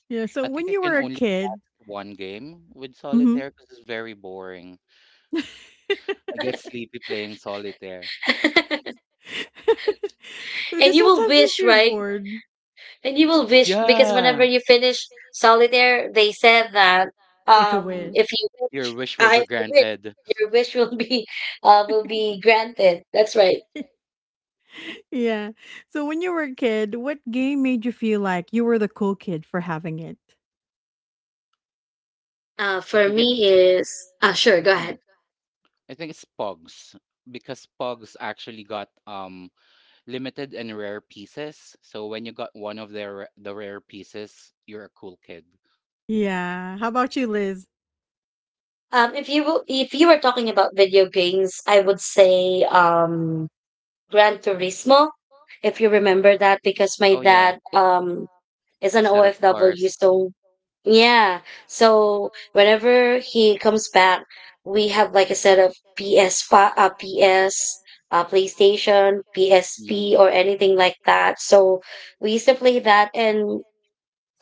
Speaker 1: Yeah, so
Speaker 2: I think
Speaker 1: when
Speaker 2: I
Speaker 1: you
Speaker 2: can
Speaker 1: were a
Speaker 2: only
Speaker 1: kid.
Speaker 2: play one game with
Speaker 1: Mhm.
Speaker 2: solitaire because it's very boring. I get sleepy playing solitaire.
Speaker 3: And
Speaker 1: Because
Speaker 3: you will
Speaker 1: sometimes if
Speaker 3: wish,
Speaker 1: you're
Speaker 3: right?
Speaker 1: bored.
Speaker 3: And you will wish because whenever
Speaker 2: Yeah,
Speaker 3: you finish solitaire, they said that
Speaker 1: Make a wish.
Speaker 3: if you
Speaker 2: your
Speaker 3: wish
Speaker 2: wish will be
Speaker 3: if you wish,
Speaker 2: granted.
Speaker 3: your wish will be granted. That's right.
Speaker 1: Yeah. So when you were a kid, what game made you feel like you were the cool kid for having it?
Speaker 2: I
Speaker 3: For
Speaker 2: think
Speaker 3: me
Speaker 2: it's
Speaker 3: is uh, sure, go
Speaker 2: mm,
Speaker 3: ahead.
Speaker 2: I think it's Pogs because Pogs actually got limited and rare pieces. So when you got one of the rare pieces, you're a cool kid.
Speaker 1: Yeah. How about you, Liz?
Speaker 3: If you will, if you were talking about video games, I would say, Gran Turismo, if you remember that, because my
Speaker 2: Oh yeah,
Speaker 3: dad is
Speaker 2: you
Speaker 3: an
Speaker 2: set up
Speaker 3: OFW,
Speaker 2: cars.
Speaker 3: so yeah. So whenever he comes back, we have like a set of PS5, PlayStation,
Speaker 2: Mm.
Speaker 3: PSP, or anything like that. So we used to play that, and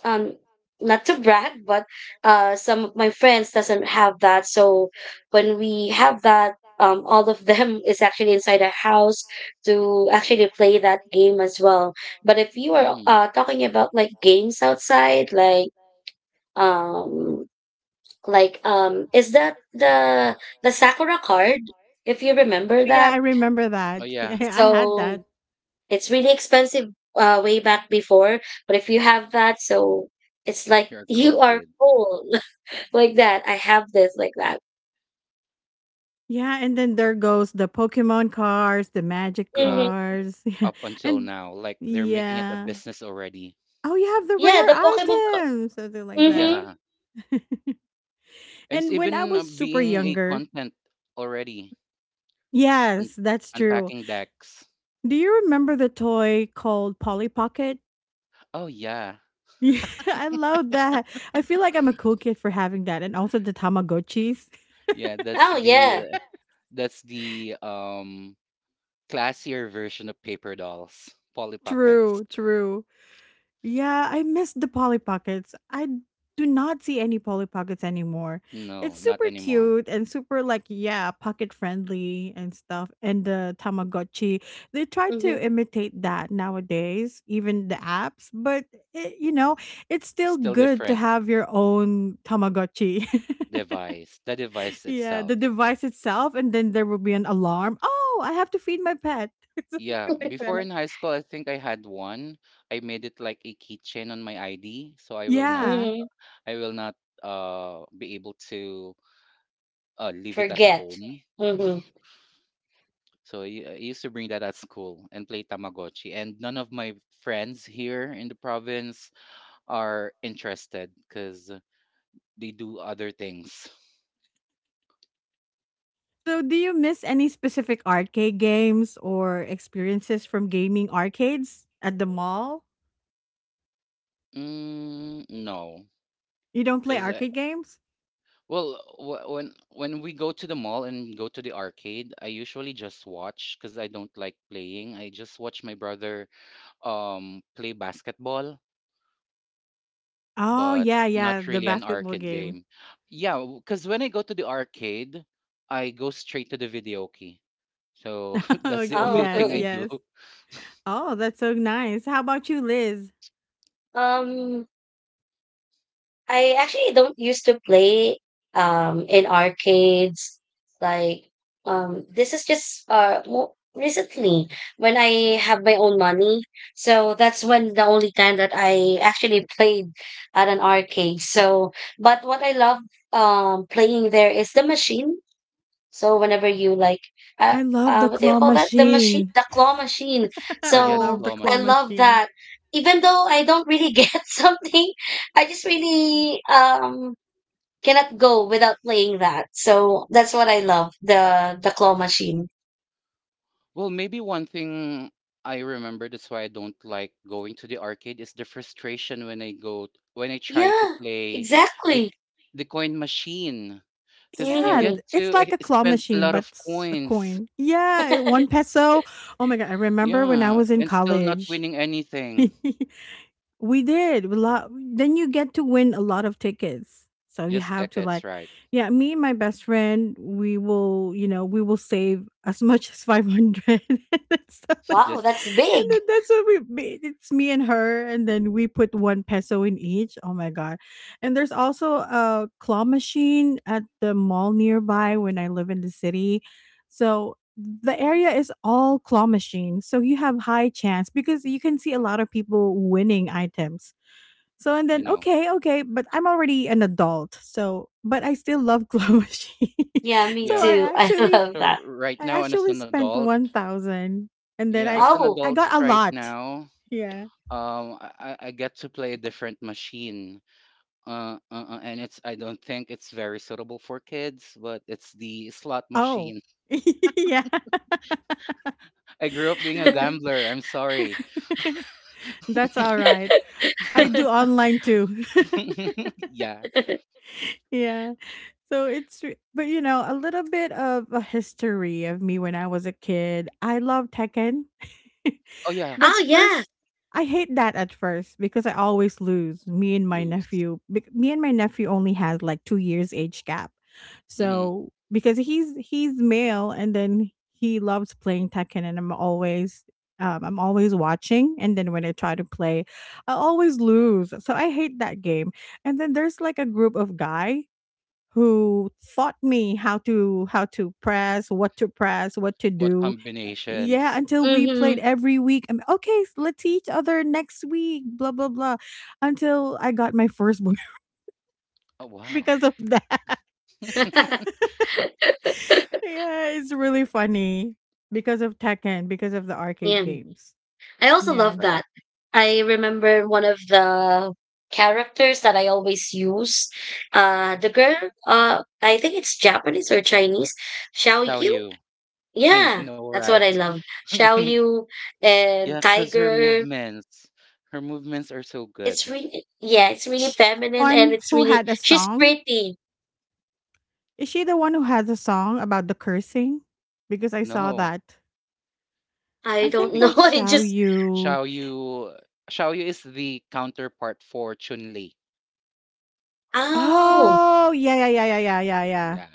Speaker 3: um not to brag, but some of my friends doesn't have that. So when we have that, all of them is actually inside a house to actually play that game as well. But if you are
Speaker 2: Mhm.
Speaker 3: talking about like games outside, um like um, is that the sakura card, if you
Speaker 1: Oh,
Speaker 3: remember
Speaker 1: yeah,
Speaker 3: that.
Speaker 1: I remember
Speaker 2: Oh,
Speaker 1: that. Yeah,
Speaker 2: yeah.
Speaker 1: I had
Speaker 3: So
Speaker 1: that.
Speaker 3: it's really expensive way back before, but if you have that, so it's like
Speaker 2: You're a cool
Speaker 3: you are
Speaker 2: kid.
Speaker 3: full like that. I have this like that.
Speaker 1: Yeah, and then there goes the Pokemon cards, the magic
Speaker 3: Mhm.
Speaker 2: Yeah.
Speaker 1: cards. Yeah.
Speaker 2: Up until
Speaker 1: And
Speaker 2: now, like they're making it a
Speaker 1: yeah.
Speaker 2: business already.
Speaker 1: Oh, you have the
Speaker 3: Yeah,
Speaker 1: rare
Speaker 3: the Pokemon card.
Speaker 1: items, something like that.
Speaker 3: Mhm.
Speaker 2: Yeah. And it's
Speaker 1: And when I
Speaker 2: even
Speaker 1: was super
Speaker 2: being a
Speaker 1: younger.
Speaker 2: content already. Un-
Speaker 1: Yes, that's true.
Speaker 2: Unpacking decks.
Speaker 1: Do you remember the toy called Polly Pocket?
Speaker 2: Oh yeah.
Speaker 1: Yeah, I love that. I feel like I'm a cool kid for having that, and also the Tamagotchis.
Speaker 2: Yeah,
Speaker 3: Oh yeah.
Speaker 2: that's the classier version of paper dolls, Polly Pockets.
Speaker 1: True, true. Yeah, I miss the Polly Pockets. I do not see any Polly Pockets anymore.
Speaker 2: No,
Speaker 1: It's
Speaker 2: not
Speaker 1: super
Speaker 2: anymore.
Speaker 1: cute and super like, yeah, pocket friendly and stuff. And the Tamagotchi, they try
Speaker 3: Mhm.
Speaker 1: to imitate that nowadays, even the apps, but it, you know, it's
Speaker 2: It's
Speaker 1: still
Speaker 2: still
Speaker 1: good to
Speaker 2: different
Speaker 1: have your own Tamagotchi.
Speaker 2: device. The device
Speaker 1: Yeah,
Speaker 2: itself.
Speaker 1: the device itself, and then there will be an alarm. Oh, I have to feed my pet. Something
Speaker 2: Yeah,
Speaker 1: like
Speaker 3: Mhm.
Speaker 2: before
Speaker 1: that.
Speaker 2: in high school, I think I had one. I made it like a keychain on my ID, so
Speaker 1: Yeah.
Speaker 2: I will not be able to leave it at
Speaker 3: Forget.
Speaker 2: home.
Speaker 3: Mhm.
Speaker 2: So I used to bring that at school and play Tamagotchi, and none of my friends here in the province are interested because they do other things.
Speaker 1: So, do you miss any specific arcade games or experiences from gaming arcades at the mall?
Speaker 2: Mm, no,
Speaker 1: You don't play
Speaker 2: because
Speaker 1: arcade games?
Speaker 2: well, when we go to the mall and go to the arcade, I usually just watch because I don't like playing. I just watch my brother play basketball,
Speaker 1: Oh,
Speaker 2: but
Speaker 1: yeah, yeah,
Speaker 2: not
Speaker 1: the
Speaker 2: really an
Speaker 1: basketball
Speaker 2: arcade
Speaker 1: game.
Speaker 2: game. Yeah, because when I go to the arcade, I go straight to the video key. So that's the
Speaker 1: Okay,
Speaker 3: Oh.
Speaker 2: only thing
Speaker 1: yes,
Speaker 2: I do.
Speaker 1: yes. Oh, that's so nice. How about you, Liz?
Speaker 3: um I actually don't used to play in arcades. Like, this is just recently, when I have my own money. So that's when the only time that I actually played at an arcade. So but what I love playing there is the machine. So whenever you like, uh,
Speaker 1: I love the
Speaker 3: what do you
Speaker 1: claw
Speaker 3: call that? The machine,
Speaker 1: machine.
Speaker 3: the claw machine.
Speaker 2: Oh
Speaker 1: I
Speaker 2: yeah, the
Speaker 3: So
Speaker 1: love the
Speaker 2: claw
Speaker 1: claw
Speaker 3: I
Speaker 2: machine.
Speaker 3: love
Speaker 1: machine.
Speaker 3: that. Even though I don't really get something, I just really cannot go without playing that. So that's what I love, the claw machine.
Speaker 2: Well, maybe one thing I remember that's why I don't like going to the arcade is the frustration when I try to
Speaker 3: Yeah,
Speaker 2: play the
Speaker 3: exactly.
Speaker 2: the coin machine because you
Speaker 1: Yeah,
Speaker 2: get
Speaker 3: Hmm.
Speaker 1: it's
Speaker 2: to
Speaker 1: like a claw
Speaker 2: spend a
Speaker 1: machine,
Speaker 2: lot
Speaker 1: but
Speaker 2: of
Speaker 1: it's a
Speaker 2: coins,
Speaker 1: coin. Yeah, one peso. Oh my God, I remember when I
Speaker 2: yeah,
Speaker 1: was in
Speaker 2: and still not
Speaker 1: college.
Speaker 2: winning anything.
Speaker 1: We did. We lot, then you get to win a lot of tickets. So you
Speaker 2: Just
Speaker 1: have to
Speaker 2: decades,
Speaker 1: like,
Speaker 2: right?
Speaker 1: yeah, me and my best friend, we will, save as much as 500 and stuff like that.
Speaker 3: Wow,
Speaker 2: Just
Speaker 3: that's
Speaker 1: And
Speaker 3: big.
Speaker 1: then that's what we made. It's me and her, and then we put 1 peso in each. Oh my god. And there's also a claw machine at the mall nearby when I live in the city, so the area is all claw machines. So you have high chance because you can see a lot of people winning items. So and
Speaker 2: I
Speaker 1: then,
Speaker 2: know,
Speaker 1: okay, okay, but I'm already an adult. So but I still love claw machine.
Speaker 3: Yeah, me
Speaker 1: So I
Speaker 2: yeah.
Speaker 3: too. I
Speaker 1: actually
Speaker 3: love
Speaker 2: So
Speaker 3: that.
Speaker 2: right
Speaker 1: I
Speaker 2: now, and as
Speaker 1: actually
Speaker 2: an
Speaker 1: spent
Speaker 2: adult,
Speaker 1: 1000, and then
Speaker 2: yeah, as
Speaker 1: I
Speaker 2: an
Speaker 3: Oh.
Speaker 1: I
Speaker 2: adult
Speaker 1: got a
Speaker 2: right
Speaker 1: lot.
Speaker 2: now,
Speaker 1: Yeah.
Speaker 2: I get to play a different machine. And it's I don't think it's very suitable for kids, but it's the slot
Speaker 1: Oh.
Speaker 2: machine.
Speaker 1: Yeah.
Speaker 2: I grew up being a
Speaker 1: Yeah.
Speaker 2: gambler. I'm sorry.
Speaker 1: That's all right. I do online too.
Speaker 2: Yeah.
Speaker 1: Yeah. So it's but a little bit of a history of me when I was a kid. I love Tekken.
Speaker 2: Oh yeah.
Speaker 1: But
Speaker 3: Oh yeah.
Speaker 1: first, I hate that at first because I always lose.
Speaker 2: Lose.
Speaker 1: Me and my nephew only has like 2 years age gap.
Speaker 2: Hmm.
Speaker 1: So because he's male and then he loves playing Tekken, and I'm always watching, and then when I try to play, I always lose. So I hate that game. And then there's like a group of guys who taught me how to press, what to press, what to
Speaker 2: What
Speaker 1: do.
Speaker 2: combinations?
Speaker 1: Yeah, until we played
Speaker 3: Hmm.
Speaker 1: every week. I'm, okay, let's see each other next week. Blah blah blah. Until I got my firstborn
Speaker 2: Oh wow.
Speaker 1: because of that. Yeah, it's really funny because of Tekken, because of the arcade
Speaker 3: yeah.
Speaker 1: games.
Speaker 3: I also
Speaker 1: Yeah.
Speaker 3: love that.
Speaker 2: Correct.
Speaker 3: I remember one of the characters that I always use. The girl, I think it's Japanese or Chinese. Xiao
Speaker 2: Tell
Speaker 3: Yu?
Speaker 2: you. I
Speaker 1: Mhm.
Speaker 3: Yeah,
Speaker 2: know,
Speaker 3: that's what I
Speaker 2: right?
Speaker 3: love. Xiao Yu and
Speaker 2: Yeah, cause
Speaker 3: Tiger.
Speaker 2: her movements are so
Speaker 3: It's
Speaker 2: good.
Speaker 3: really, yeah, it's
Speaker 1: Is
Speaker 3: really
Speaker 1: she the
Speaker 3: feminine and
Speaker 1: one
Speaker 3: it's
Speaker 1: who
Speaker 3: really,
Speaker 1: had a
Speaker 3: she's
Speaker 1: song?
Speaker 3: pretty.
Speaker 1: Is she the one who has a song about the cursing? Because I saw
Speaker 2: No,
Speaker 1: that.
Speaker 3: I
Speaker 1: I
Speaker 2: I
Speaker 3: don't
Speaker 1: think
Speaker 2: think
Speaker 3: know.
Speaker 2: Sh-
Speaker 1: that's
Speaker 3: I
Speaker 1: Xiao
Speaker 3: just,
Speaker 1: Yu.
Speaker 2: Xiao Yu, Xiao Yu is the counterpart for Chun Li.
Speaker 3: oh,
Speaker 1: Oh, yeah, yeah, yeah, yeah, yeah, yeah, yeah.
Speaker 2: Yeah,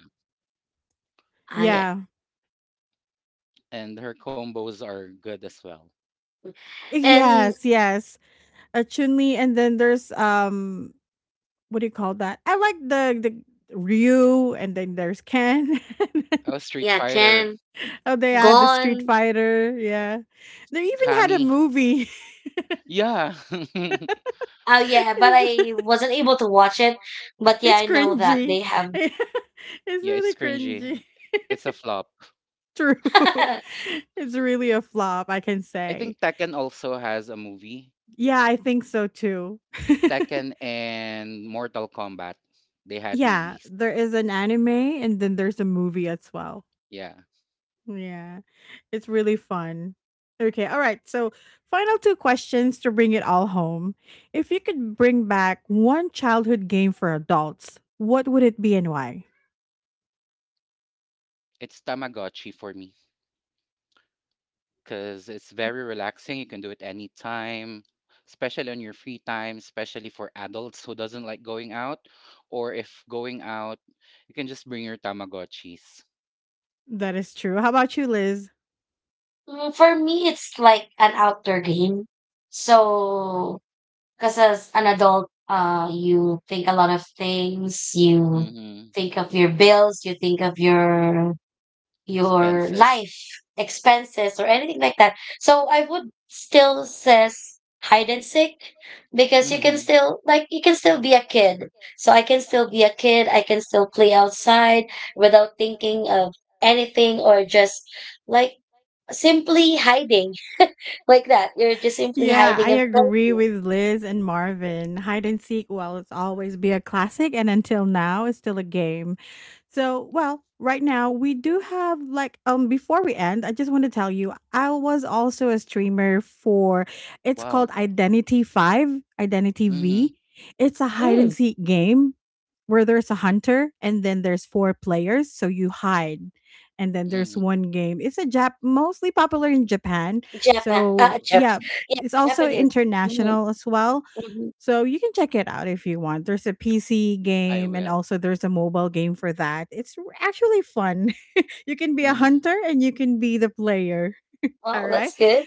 Speaker 3: I,
Speaker 1: Yeah.
Speaker 2: and her combos are good as well.
Speaker 1: Eh,
Speaker 3: and
Speaker 1: yes, yes. Chun-Li, and then there's what do you call that? I like the Ryu, and then there's Ken.
Speaker 2: Oh, Street
Speaker 3: yeah,
Speaker 2: Fighter.
Speaker 3: Ken,
Speaker 1: Oh, they had the Street
Speaker 3: gone.
Speaker 1: Fighter. Yeah. They even had a
Speaker 2: Kami.
Speaker 1: movie.
Speaker 2: Yeah.
Speaker 3: Oh yeah, but
Speaker 1: it's,
Speaker 3: I wasn't able to watch it. But yeah,
Speaker 1: it's
Speaker 3: I know that
Speaker 1: cringy.
Speaker 3: they have.
Speaker 1: It's
Speaker 2: Yeah, it's
Speaker 1: really cringy.
Speaker 2: cringy. It's a flop.
Speaker 1: True. It's really a flop, I can
Speaker 2: I think
Speaker 1: say.
Speaker 2: Tekken also has a movie.
Speaker 1: Yeah, I think so too.
Speaker 2: Tekken and Mortal Kombat. They had
Speaker 1: Yeah,
Speaker 2: movies.
Speaker 1: there is an anime, and then there's a movie as well.
Speaker 2: Yeah.
Speaker 1: Yeah. It's really fun. Okay, all right. So, final two questions to bring it all home. If you could bring back one childhood game for adults, what would it be and why?
Speaker 2: It's Tamagotchi for me because it's very relaxing. You can do it anytime, especially on your free time, especially for adults who doesn't like going out. Or if going out, you can just bring your Tamagotchis.
Speaker 1: That is true. How about you, Liz?
Speaker 3: Mm, for me, it's like an outdoor game. So because as an adult, you think a lot of things. You
Speaker 2: Mm-hmm.
Speaker 3: think of your bills. You think of your
Speaker 2: Expenses.
Speaker 3: life expenses or anything like that. So I would still says hide and seek because you can
Speaker 2: Mm-hmm.
Speaker 3: still like you can still be a kid. So I can still be a kid. I can still play outside without thinking of anything, or just like simply hiding like that. You're just simply
Speaker 1: Yeah,
Speaker 2: Yeah.
Speaker 3: hiding
Speaker 1: I
Speaker 3: and
Speaker 1: agree
Speaker 3: playing.
Speaker 1: with Liz and Marvin. Hide and seek, well, it's always be a classic, and until now, it's still a game. So, well, right now we do have like before we end, I just want to tell you I was also a streamer for, it's
Speaker 2: Wow.
Speaker 1: called Identity 5, Identity V.
Speaker 2: Mhm,
Speaker 1: It's a hide and
Speaker 3: Mm,
Speaker 1: seek game where there's a hunter and then there's four players, so you hide. And then there's
Speaker 2: mhm.
Speaker 1: one game. It's a Jap mostly popular in Japan,
Speaker 3: Japan,
Speaker 1: so,
Speaker 3: Jap-
Speaker 1: yeah,
Speaker 3: yeah,
Speaker 1: it's also
Speaker 3: Japanese. Hmm.
Speaker 1: international as well.
Speaker 3: Hmm.
Speaker 1: So, you can check it out if you want. There's a PC
Speaker 2: I
Speaker 1: game and
Speaker 2: will.
Speaker 1: also there's a mobile game for that. It's actually fun. You can be a
Speaker 2: Mhm,
Speaker 1: hunter and you can be the player. All
Speaker 3: Wow,
Speaker 1: right.
Speaker 3: that's good.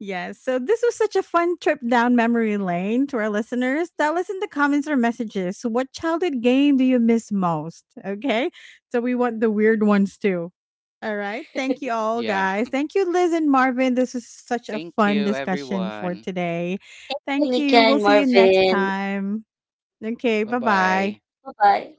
Speaker 1: Yes. So this was such a fun trip down memory lane to our listeners. Tell us in the comments or messages, what childhood game do you miss most? Okay. So we want the weird ones too. All right. Thank you all,
Speaker 2: yeah.
Speaker 1: guys. Thank you, Liz and Marvin. This is such a
Speaker 2: Thank
Speaker 1: fun
Speaker 2: you,
Speaker 1: discussion for
Speaker 2: everyone.
Speaker 1: today. Thank
Speaker 3: Nika
Speaker 1: you. We'll
Speaker 3: and
Speaker 1: see you next
Speaker 3: Marvin.
Speaker 1: time. Okay. Bye bye.
Speaker 2: Bye-bye.
Speaker 3: Bye bye.